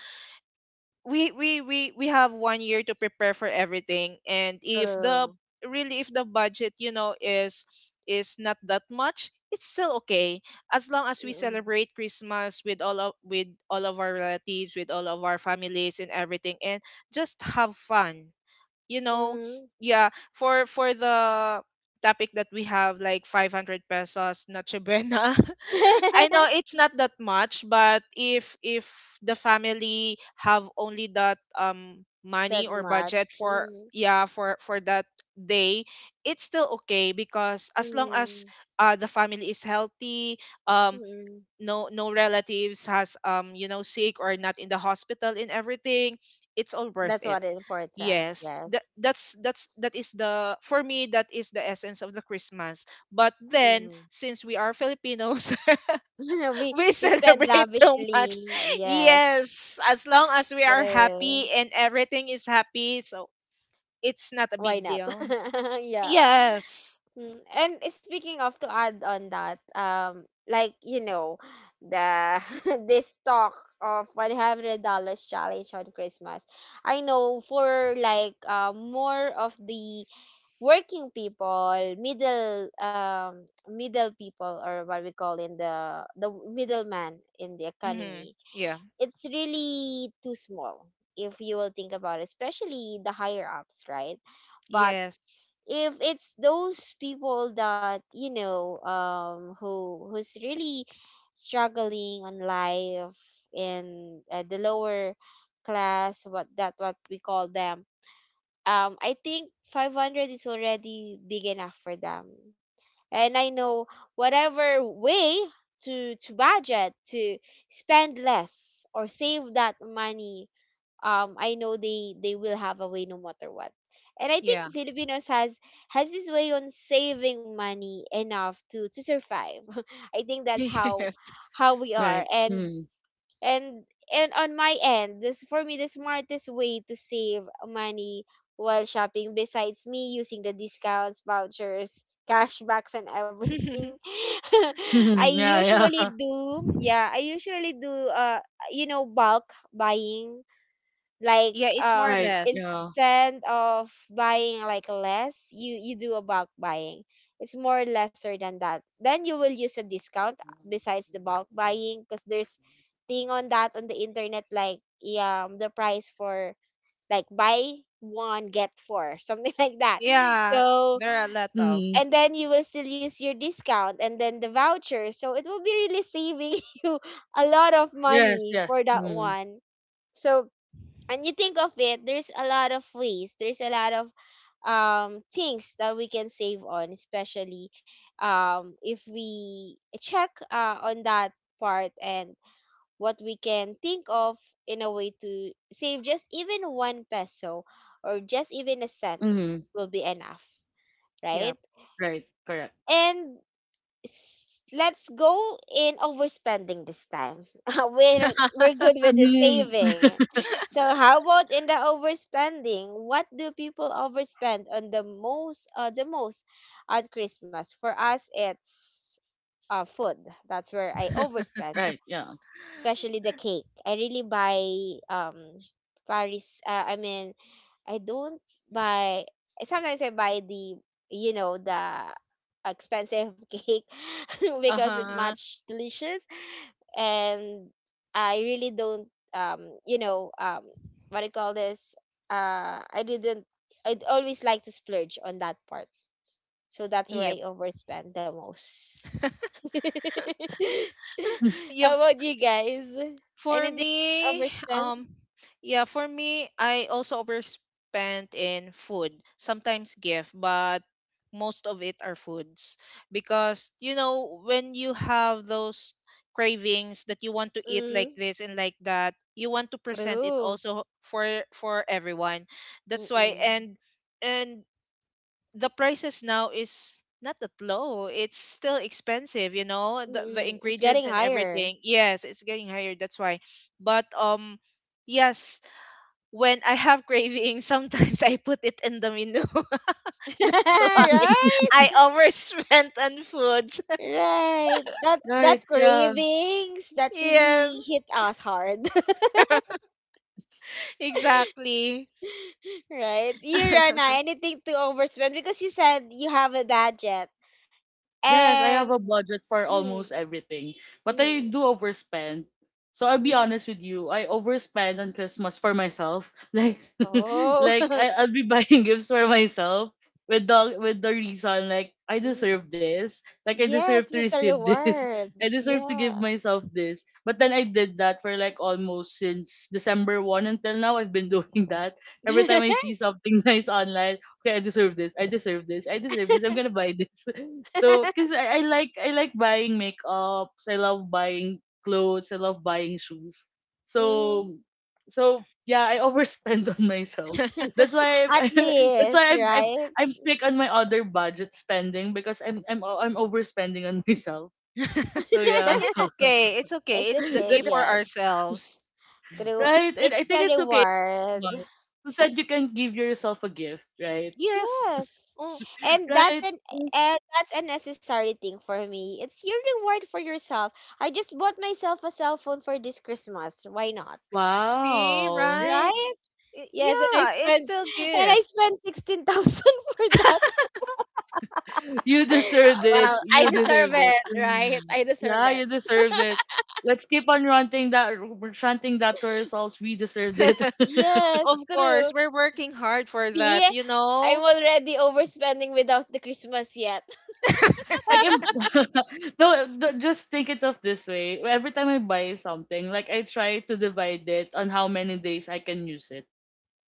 S2: we we we we have one year to prepare for everything. And if the
S1: true.
S2: really if the budget, you know, is is not that much, it's still okay, as long as we
S1: Mm-mm.
S2: celebrate Christmas with all of with all of our relatives, with all of our families and everything, and just have fun, you know.
S1: Mm.
S2: Yeah, for for the topic that we have, like five hundred pesos noche buena, I know it's not that much, but if if the family have only that um money
S1: That
S2: or
S1: much.
S2: budget for,
S1: Mm,
S2: yeah, for for that day, it's still okay because as long as
S1: mm,
S2: uh the family is healthy, um
S1: mm.
S2: no no relatives has, um you know, sick or not in the hospital and everything, it's all worth
S1: That's
S2: it.
S1: what is important.
S2: Yes, that
S1: Yes.
S2: that's that's that is the for me, that is the essence of the Christmas. But then
S1: Mm.
S2: since we are Filipinos,
S1: We
S2: we
S1: we spend
S2: celebrate too much.
S1: lavishly. Yes,
S2: Yes, as long as we are
S1: true.
S2: happy and everything is happy, so it's not a
S1: Why
S2: big
S1: not?
S2: deal.
S1: Yeah.
S2: Yes.
S1: Mm. And speaking of to add on that, um, like you know, the this talk of one hundred dollars challenge on Christmas, I know for like uh, more of the working people, middle um middle people, or what we call in the the middleman in the
S2: Mm-hmm.
S1: economy,
S2: Yeah.
S1: it's really too small if you will think about it, especially the higher ups, right? But
S2: Yes.
S1: if it's those people that you know um who who's really struggling on life in uh, the lower class, what that what we call them, um I think five hundred is already big enough for them. And I know whatever way to to budget to spend less or save that money, um I know they they will have a way no matter what. And I think
S2: Yeah.
S1: Filipinos has has this way on saving money enough to to survive. I think that's how
S2: Yes.
S1: how we are.
S3: Right.
S1: And
S3: Mm.
S1: and and on my end, this for me the smartest way to save money while shopping, besides me using the discounts, vouchers, cashbacks and everything. I
S3: Yeah, yeah.
S1: usually do, yeah, I usually do uh you know bulk buying, like
S2: Yeah, it's more or
S3: Right.
S1: um
S2: less.
S3: Yeah.
S1: instead of buying like less, you you do a bulk buying. It's more lesser than that, then you will use a discount, uh, besides the bulk buying, because there's thing on that, on the internet, like, yeah, um the price for like buy one get four something, like that.
S2: Yeah,
S1: So
S2: there are a lot of.
S3: Mm.
S1: and then you will still use your discount and then the voucher, so it will be really saving you a lot of
S3: Yes,
S1: money
S3: yes.
S1: for that
S3: Mm.
S1: one. So and you think of it, there's a lot of ways. There's a lot of um things that we can save on, especially um if we check uh on that part and what we can think of, in a way to save just even one peso or just even a cent,
S3: Mm.
S1: will be enough,
S2: Yeah.
S1: right?
S3: Right. Correct.
S1: And s- let's go in overspending this time. we're we're good with the
S3: Mm.
S1: saving. So how about in the overspending? What do people overspend on the most, uh, the most at Christmas? For us it's uh food. That's where I overspend,
S3: Right. Yeah.
S1: especially the cake. I really buy um Paris, uh, I mean, I don't buy. Sometimes I buy the, you know, the expensive cake,
S2: Uh
S1: because it's
S2: huh.
S1: much delicious. And I really don't um you know, um what do you call this? Uh, I didn't. I'd always like to splurge on that part, so that's where
S2: Yeah.
S1: I overspend the most.
S2: yeah
S1: How
S2: f-
S1: about you guys?
S2: for
S1: Anything
S2: me
S1: overspend?
S2: um yeah, for me I also overspent in food. Sometimes gift, but most of it are foods, because you know when you have those cravings that you want to eat like
S1: Mm,
S2: this and like that, you want to present it
S1: true.
S2: also for for everyone. That's why.
S1: Mm-mm.
S2: And and the prices now is not that low. It's still expensive, you know, the, the
S1: Mm, it's
S2: ingredients
S1: getting
S2: and
S1: higher.
S2: everything. Yes, it's getting higher. That's why. But um, yes, when I have cravings, sometimes I put it in the menu. That's why
S1: Right?
S2: I overspent on foods.
S1: Right. That
S3: Right,
S1: that
S3: yeah.
S1: cravings that
S2: Yes,
S1: really hit us hard.
S2: exactly.
S1: Right? You Rana,
S2: But
S1: anything to overspend because you said you have a budget.
S3: Yes, I have a
S1: And
S3: budget for
S1: mm,
S3: almost everything, but I
S1: mm,
S3: do overspend. So I'll be
S1: mm.
S3: honest with you, I overspend on Christmas for myself. Like,
S1: Oh.
S3: like I, I'll be buying gifts for myself with the with the reason, like I
S1: Mm.
S3: deserve this, like I
S1: Yes,
S3: deserve to
S1: it's a
S3: receive this,
S1: reward.
S3: I deserve to give
S1: Yeah.
S3: myself this. But then I did that for like almost since December one until now. I've been doing that every time I see something nice online. Okay, I deserve this. I deserve this. I deserve this. I'm gonna buy this. So, cause I, I like I like buying makeups. I love buying clothes. I love buying shoes.
S1: Mm.
S3: So, so yeah, I overspend on myself. That's why
S1: At
S3: I'm, that's
S1: least,
S3: why I'm, I'm
S1: right?
S3: I'm strict on my other budget spending because I'm I'm o- I'm overspending on myself. So yeah,
S2: it's okay. It's okay.
S1: It's
S2: It's the
S1: okay,
S2: gift
S3: That-
S2: for
S1: yes.
S2: ourselves.
S1: True.
S3: right. And I
S1: It's
S3: think
S1: a
S3: it's okay. Mar,
S1: reward.
S3: Who said you can give yourself a gift, right?
S2: Yes.
S1: Yes.
S2: Oh,
S1: And that's
S3: Right.
S1: an, and that's a necessary thing for me. It's your reward for yourself. I just bought myself a cell phone for this Christmas. Why not?
S2: see,
S3: Wow.
S2: right?
S1: Right?
S2: I-
S1: Yes, and I
S2: Yeah, it's
S1: spent
S2: still
S1: and I
S2: gift.
S1: spent sixteen thousand for that.
S3: You deserved
S1: Well,
S3: it.
S1: I
S3: You
S1: deserve
S3: deserved it.
S1: it, right?
S3: Mm.
S1: I deserve
S3: Yeah,
S1: it.
S3: you deserved it. Let's keep on ranting that we chanting that to ourselves. We deserved it.
S2: Of
S1: Yes, true.
S2: course, we're working hard for
S1: See,
S2: that, you
S1: I'm
S2: know?
S1: already overspending without the Christmas yet.
S3: like, im- No, not just think it of this way. Every time I buy something, like I try to divide it on how many days I can use it.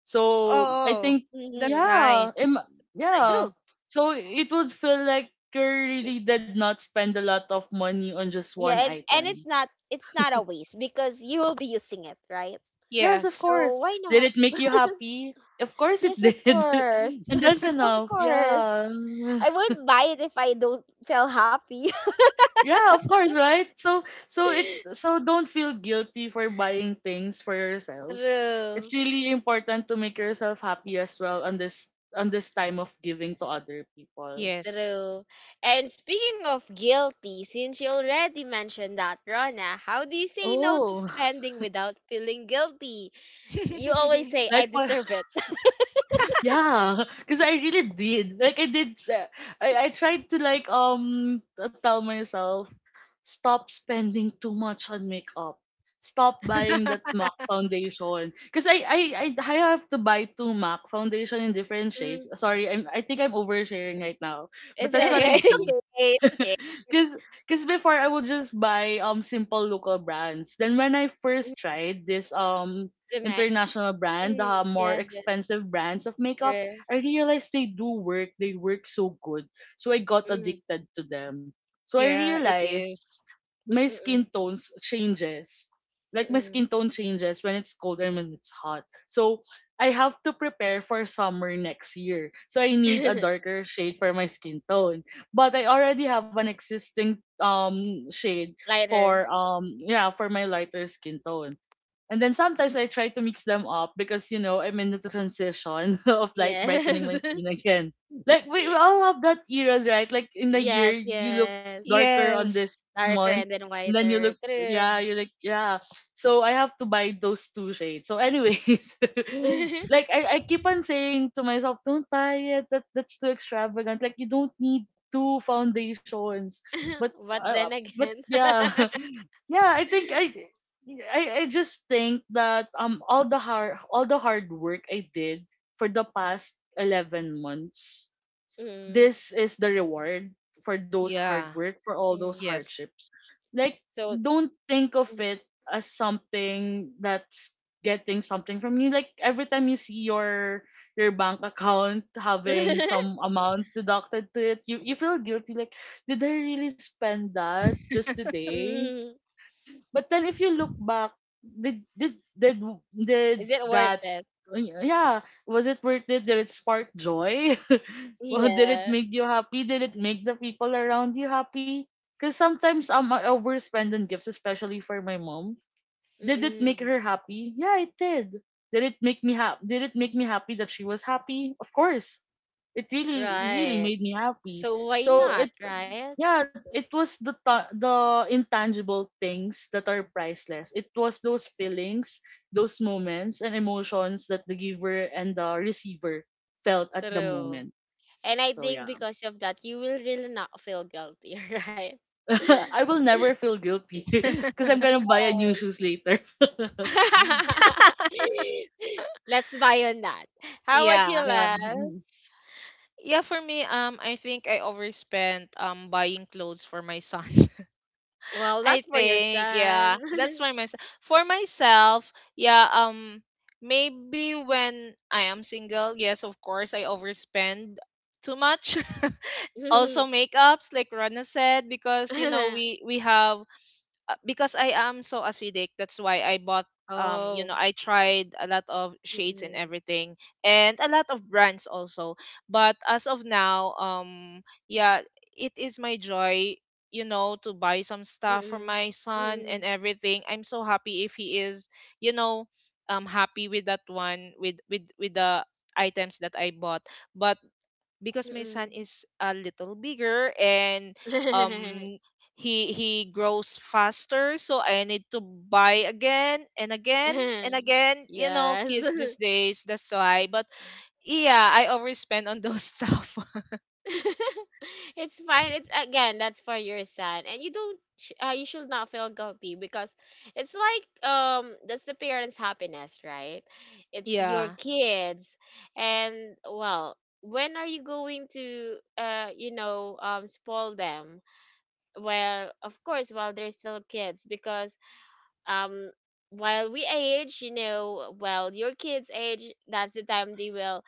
S3: So I
S2: Oh,
S3: think,
S2: that's
S1: Mm-hmm.
S3: yeah, im-
S2: nice.
S3: yeah.
S2: Nice.
S1: True.
S3: So it would feel like you really did not spend a lot of money on just one
S1: Yeah, it's and it's
S3: item.
S1: not it's not a waste because you will be using it, right?
S3: Yes, of
S2: Yes.
S1: So
S3: course.
S1: why
S3: Did
S1: not?
S3: it make you happy? Of course it
S1: Yes, of
S3: did.
S1: course.
S3: And that's
S1: Of
S3: enough.
S1: course.
S3: Yeah.
S1: I would buy it if I don't feel happy.
S3: Yeah, of course, right? So so it so don't feel guilty for buying things for yourself.
S1: True,
S3: It's really important to make yourself happy as well on this on this time of giving to other people.
S2: Yes.
S1: true. And speaking of guilty, since you already mentioned that, Rona, how do you say no to
S3: Oh.
S1: spending without feeling guilty? You always
S2: It's
S1: say, I
S3: Like what.
S1: deserve it.
S3: Yeah, because I really did. Like I did. sa- I I tried to like um t- tell myself, stop spending too much on makeup. Stop buying that MAC foundation. Because I, I I I have to buy two MAC foundation in different shades.
S1: Mm,
S3: Sorry, I'm I think I'm oversharing right now. But
S1: it's
S3: that's
S2: okay.
S3: what
S1: okay.
S3: I do.
S2: It's okay.
S3: Cause, cause before I would just buy um simple local brands. Then when I first tried this um
S1: Demek.
S3: international brand,
S1: Mm,
S3: the more
S1: yes, yes,
S3: expensive brands of makeup,
S1: true.
S3: I realized they do work. They work so good. So I got
S1: Mm,
S3: addicted to them. So I
S2: Yeah, it
S3: realized
S2: is.
S3: my skin
S1: mm-mm,
S3: tones changes. Like my
S1: mm-mm.
S3: skin tone changes when it's cold and when it's hot. So I have to prepare for summer next year. So I need a darker shade for my skin tone. But I already have an existing um shade
S1: Lighter.
S3: for um yeah, for my lighter skin tone. And then sometimes I try to mix them up because you know I'm in the transition of like brightening
S1: Yes.
S3: my skin again. Like we, we all have that eras, right? Like in the year
S1: Yes,
S3: you look
S1: yes.
S3: darker on
S2: Yes.
S3: this
S1: Darker
S3: month
S1: and then
S3: and then you look,
S1: whiter. True.
S3: yeah, you're like, yeah. So I have to buy those two shades. So, anyways, like I, I keep on saying to myself, don't buy it. That that's too extravagant. Like you don't need two foundations. But
S1: But
S3: uh,
S1: then
S3: but
S1: again.
S3: yeah, yeah. I think I. I, I just think that um all the hard all the hard work I did for the past eleven months,
S1: Mm,
S3: this is the reward for those hard
S2: Yeah.
S3: work, for all those
S1: mm.
S2: Yes.
S3: hardships. Like,
S1: So,
S3: don't think of
S1: mm.
S3: it as something that's getting something from you. Like every time you see your your bank account having some amounts deducted to it, you, you feel guilty. Like, did I really spend that just today?
S1: Mm.
S3: But then if you look back, did did did did
S1: Is it worth
S3: that
S1: it?
S3: yeah, was it worth it? Did it spark joy? Well, did it
S1: Yeah.
S3: make you happy? Did it make the people around you happy? Because sometimes um, I overspend on gifts, especially for my mom. Did it make
S1: Mm-mm.
S3: her happy? Yeah, it did. Did it make me happy? Did it make me happy that she was happy? Of course. It really really
S1: Right.
S3: made me happy.
S1: So why
S3: So
S1: not,
S3: it's
S1: right?
S3: Yeah, it was the ta- the intangible things that are priceless. It was those feelings, those moments and emotions that the giver and the receiver felt at the
S1: True.
S3: moment.
S1: And I
S3: So
S1: think
S3: yeah.
S1: because of that, you will really not feel guilty, right?
S3: I will never feel guilty because I'm gonna buy a new
S1: Yes.
S3: shoes later.
S1: Let's buy on that. How about you,
S2: Yeah.
S3: Yeah.
S1: Les?
S3: Mhm.
S2: Yeah, for me, um, I think I overspent um buying clothes for my son.
S1: Well,
S2: I
S1: that's for your
S2: think, yeah,
S1: son.
S2: that's my — myself. For myself, yeah, um, maybe when I am single, yes, of course, I overspend too much. Also, makeups, like Rana said, because you know we we have, uh, because I am so acidic, that's why I bought, um you know,
S1: Oh.
S2: I tried a lot of shades and
S1: Mm-mm.
S2: everything, and a lot of brands also. But as of now, um yeah, it is my joy, you know, to buy some stuff for
S1: Mm-mm.
S2: my son and
S1: Mm-mm.
S2: everything. I'm so happy if he is, you know, um happy with that one, with with with the items that I bought. But because my son is a little bigger and,
S1: Mm-mm.
S2: um he he grows faster, so I need to buy again and again and again. You know,
S1: yes.
S2: kids these days, that's why. But yeah, I overspend on those stuff.
S1: It's fine. It's again, that's for your son, and you don't. Sh- Uh, you should not feel guilty because it's like um that's the parents' happiness, right? It's your
S2: Yeah.
S1: kids, and well, when are you going to uh you know, um spoil them? Well, of course, while they're still kids, because um while we age, you know, well, your kids age, that's the time they will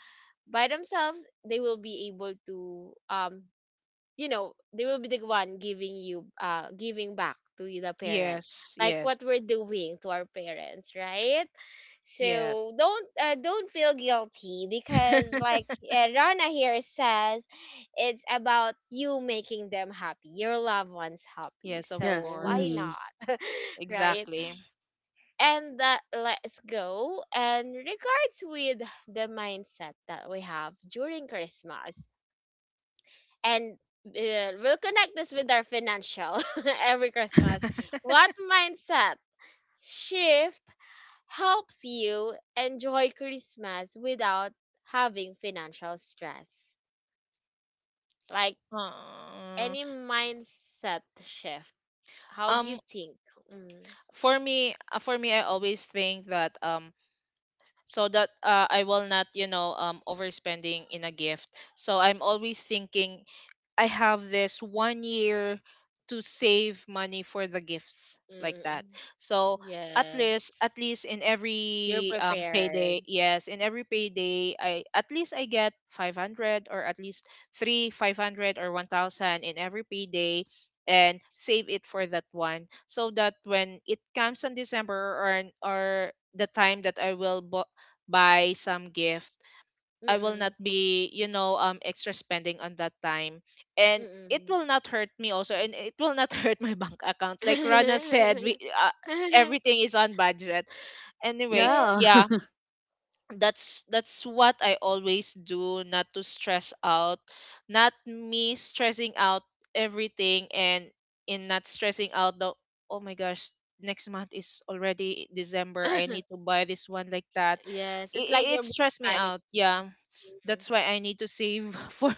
S1: by themselves, they will be able to um you know, they will be the one giving you, uh giving back to the parents,
S2: Yes.
S1: like what we're
S2: Yes.
S1: doing to our parents, right?
S2: Yes.
S1: So don't, uh, don't feel guilty because, like, uh, Rana here says, it's about you making them happy, your loved ones happy,
S2: Yes, of
S1: so
S3: Yes.
S1: why
S3: Mhm.
S2: course,
S1: not, right?
S2: exactly.
S1: And that let's go and regards with the mindset that we have during Christmas, and uh, we'll connect this with our financial every Christmas. What mindset shift helps you enjoy Christmas without having financial stress? Like,
S2: uh,
S1: any mindset shift, how do you
S2: um
S1: think? Mm,
S2: for me, uh, for me I always think that, um so that, uh, I will not, you know, um, overspending in a gift. So I'm always thinking, I have this one year to save money for the gifts like that.
S1: mm,
S2: So at least at
S1: yes,
S2: least in
S1: you're
S2: every, um,
S1: prepared.
S2: payday, yes, in every payday, I at least I get five hundred, or at least three five hundred or one thousand in every payday, and save it for that one so that when it comes in December, or or the time that I will bu- buy some gift, I will not
S1: Mm-mm,
S2: be, you know, um extra spending on that time. And it
S1: mm-mm.
S2: will not hurt me also, and it will not hurt my bank account. Like Rana said, we, uh, everything is on budget. Anyway,
S1: True.
S3: Yeah.
S2: yeah, that's that's what I always do, not to stress out, not me stressing out everything, and in not stressing out the — oh my gosh, next month is already December, I need to buy this one, like that.
S1: Yes, it's like
S2: it,
S1: you're
S2: it
S1: being
S2: stressed me
S1: panicked.
S2: out, yeah, that's why I need to save for —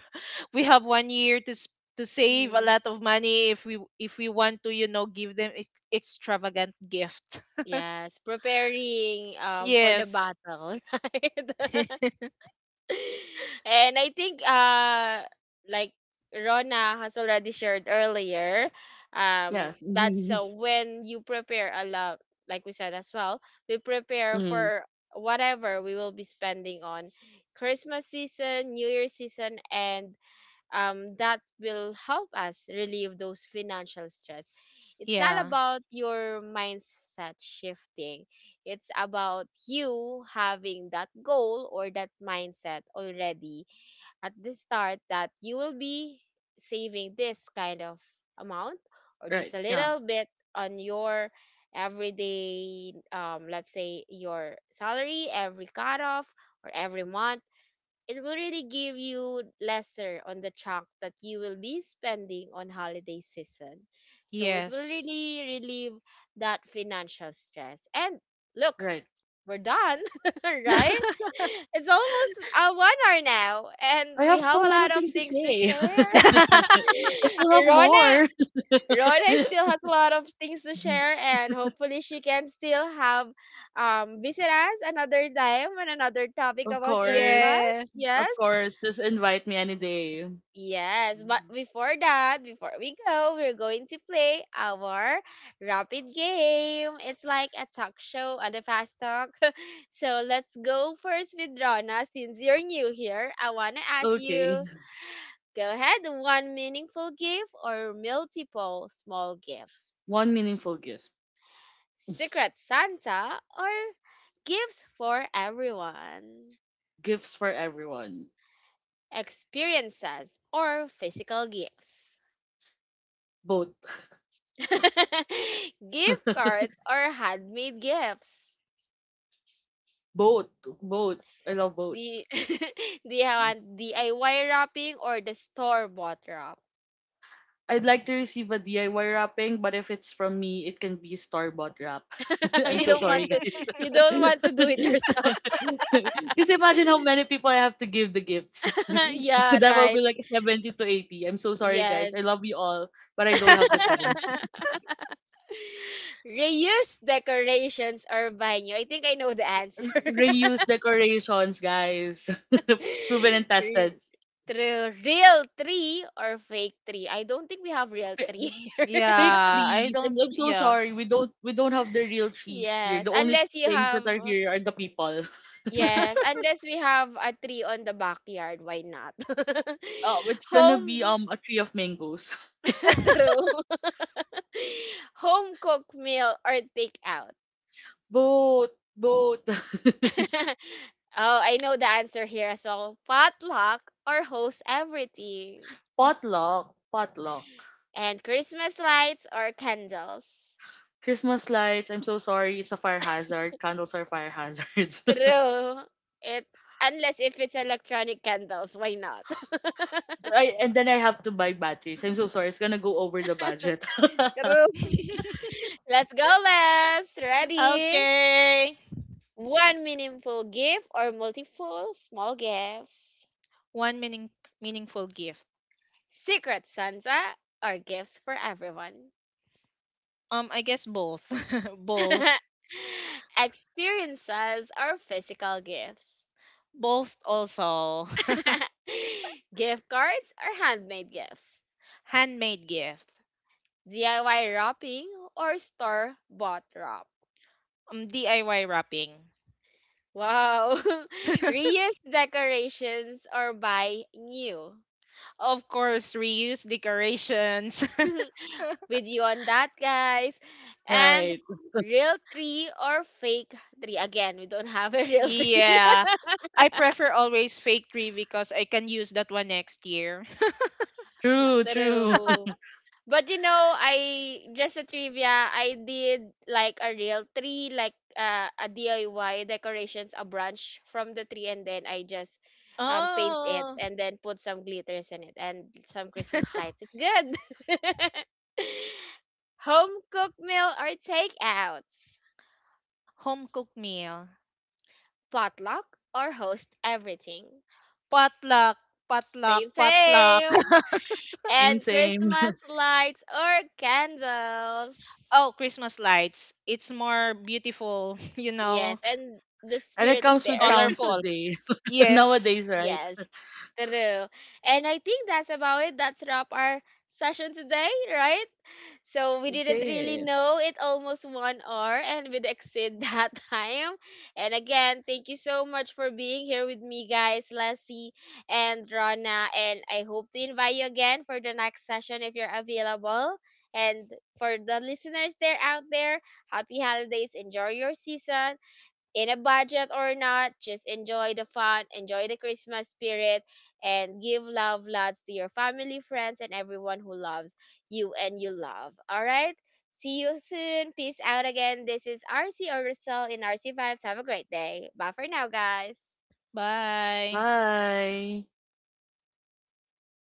S2: we have one year to s- to save a
S1: Mhm.
S2: lot of money, if we if we want to, you know, give them ex- extravagant gift.
S1: Yes, preparing um for the
S2: Yes.
S1: battle, right? And I think uh like Rona has already shared earlier, um
S3: Yes.
S1: that's uh, when you prepare a lot, like we said as well, we prepare
S3: Mm.
S1: for whatever we will be spending on Christmas season, New Year season, and um, that will help us relieve those financial stress. It's not
S2: Yeah.
S1: about your mindset shifting, it's about you having that goal or that mindset already at the start that you will be saving this kind of amount or just
S3: Right.
S1: a
S3: Yeah.
S1: little bit on your everyday, um let's say, your salary every cutoff or every month. It will really give you lesser on the chunk that you will be spending on holiday season. So it will
S2: Yes.
S1: really relieve that financial stress. And look,
S3: Right.
S1: we're done, right? It's almost, uh, one hour now, and
S3: I
S1: we
S3: have
S1: have
S3: so
S1: a
S3: many
S1: lot of
S3: things to
S1: things to
S3: say.
S1: share.
S3: I still have
S1: And Rona,
S3: more.
S1: Rona still has a lot of things to share, and hopefully she can still have um visit us another time on another topic
S3: Of
S1: about Christmas.
S3: course.
S2: Yes.
S1: Yes.
S3: Of course. Just invite me any day.
S1: Yes, but
S3: Mhm.
S1: before that, before we go, we're going to play our rapid game. It's like a talk show and a fast talk. So let's go first with Rana since you're new here. I want to ask
S3: Okay.
S1: you, go ahead, one meaningful gift or multiple small gifts?
S3: One meaningful gift.
S1: Secret Santa or gifts for everyone?
S3: Gifts for everyone.
S1: Experiences or physical gifts?
S3: Both.
S1: Gift cards or handmade gifts.
S3: Both. Both. I love both.
S1: The do you want D I Y wrapping or the store bought wrap?
S3: I'd like to receive a D I Y wrapping, but if it's from me, it can be store bought wrap. I'm
S1: You
S3: so
S1: don't
S3: sorry,
S1: want to,
S3: guys.
S1: you don't want to do it yourself.
S3: Because imagine how many people I have to give the gifts.
S1: Yeah,
S3: That will
S1: right.
S3: be like seventy to eighty. I'm so sorry, guys.
S1: Yes.
S3: I love you all, but I don't have the time.
S1: Reuse decorations or buy new. I think I know the answer.
S3: R- Reuse decorations, guys. Proven and
S1: Re-
S3: tested.
S1: True. Real tree or fake tree? I don't think we have real
S3: F-
S1: tree here.
S3: Fake
S2: Yeah, I
S3: trees. I'm,
S2: don't,
S3: I'm so
S2: yeah.
S3: sorry. We don't we don't have the real trees here.
S1: Yes,
S3: The only
S1: unless you
S3: things that are
S1: have.
S3: here are the people.
S1: Yes, unless we have a tree on the backyard, why not?
S3: Oh, it's gonna be
S1: Home,
S3: um a tree of mangoes.
S1: true. Home cooked meal or take out.
S3: Both, both.
S1: Oh, I know the answer here as well. Potluck or host everything.
S3: Potluck, potluck.
S1: And Christmas lights or candles.
S3: Christmas lights. I'm so sorry. It's a fire hazard. Candles are fire hazards.
S1: True. It unless if it's electronic candles, why not?
S3: I, and then I have to buy batteries. I'm so sorry. It's gonna go over the budget.
S1: True. Let's go, Les. Ready?
S2: Okay.
S1: One meaningful gift or multiple small gifts.
S2: One meaning meaningful gift.
S1: Secret Santa or gifts for everyone.
S2: Um, I guess both. Both.
S1: Experiences or physical gifts.
S2: Both also.
S1: Gift cards or handmade gifts.
S2: Handmade gift.
S1: D I Y wrapping or store bought wrap.
S2: Um, D I Y wrapping.
S1: Wow. Reuse decorations or buy new.
S2: Of course, reuse decorations.
S1: With you on that, guys. And
S3: Right.
S1: real tree or fake tree? Again, we don't have a real tree.
S2: Yeah. I prefer always fake tree because I can use that one next year.
S3: True. True.
S1: True. But you know, I just a trivia. I did like a real tree, like, uh, a D I Y decorations, a branch from the tree, and then I just, um, paint it
S2: Oh,
S1: and then put some glitters in it and some Christmas lights. It's good. Home cooked meal or takeouts?
S2: home cooked meal.
S1: Potluck, or host everything.
S2: Potluck, potluck,
S1: Same,
S2: potluck.
S1: same. And
S3: Same. Same.
S1: Christmas lights or candles.
S2: Oh, Christmas lights. It's more beautiful, you
S1: Yes,
S2: know,
S1: and the
S3: And it
S1: spirit is
S3: comes with
S1: there.
S3: sounds
S2: colorful.
S3: today.
S2: Yes.
S3: Nowadays, right?
S1: Yes, true. And I think that's about it. That's wrap our session today, right? So we didn't really
S3: Okay.
S1: know it almost one hour and we'd exceed that time. And again, thank you so much for being here with me, guys, Leslie and Rana. And I hope to invite you again for the next session if you're available. And for the listeners there out there, happy holidays, enjoy your season, in a budget or not, just enjoy the fun, enjoy the Christmas spirit, and give love lots to your family, friends, and everyone who loves you and you love. All right? See you soon. Peace out again. This is R C or Rizal in R C Vibes. Have a great day. Bye for now, guys.
S2: Bye.
S3: Bye.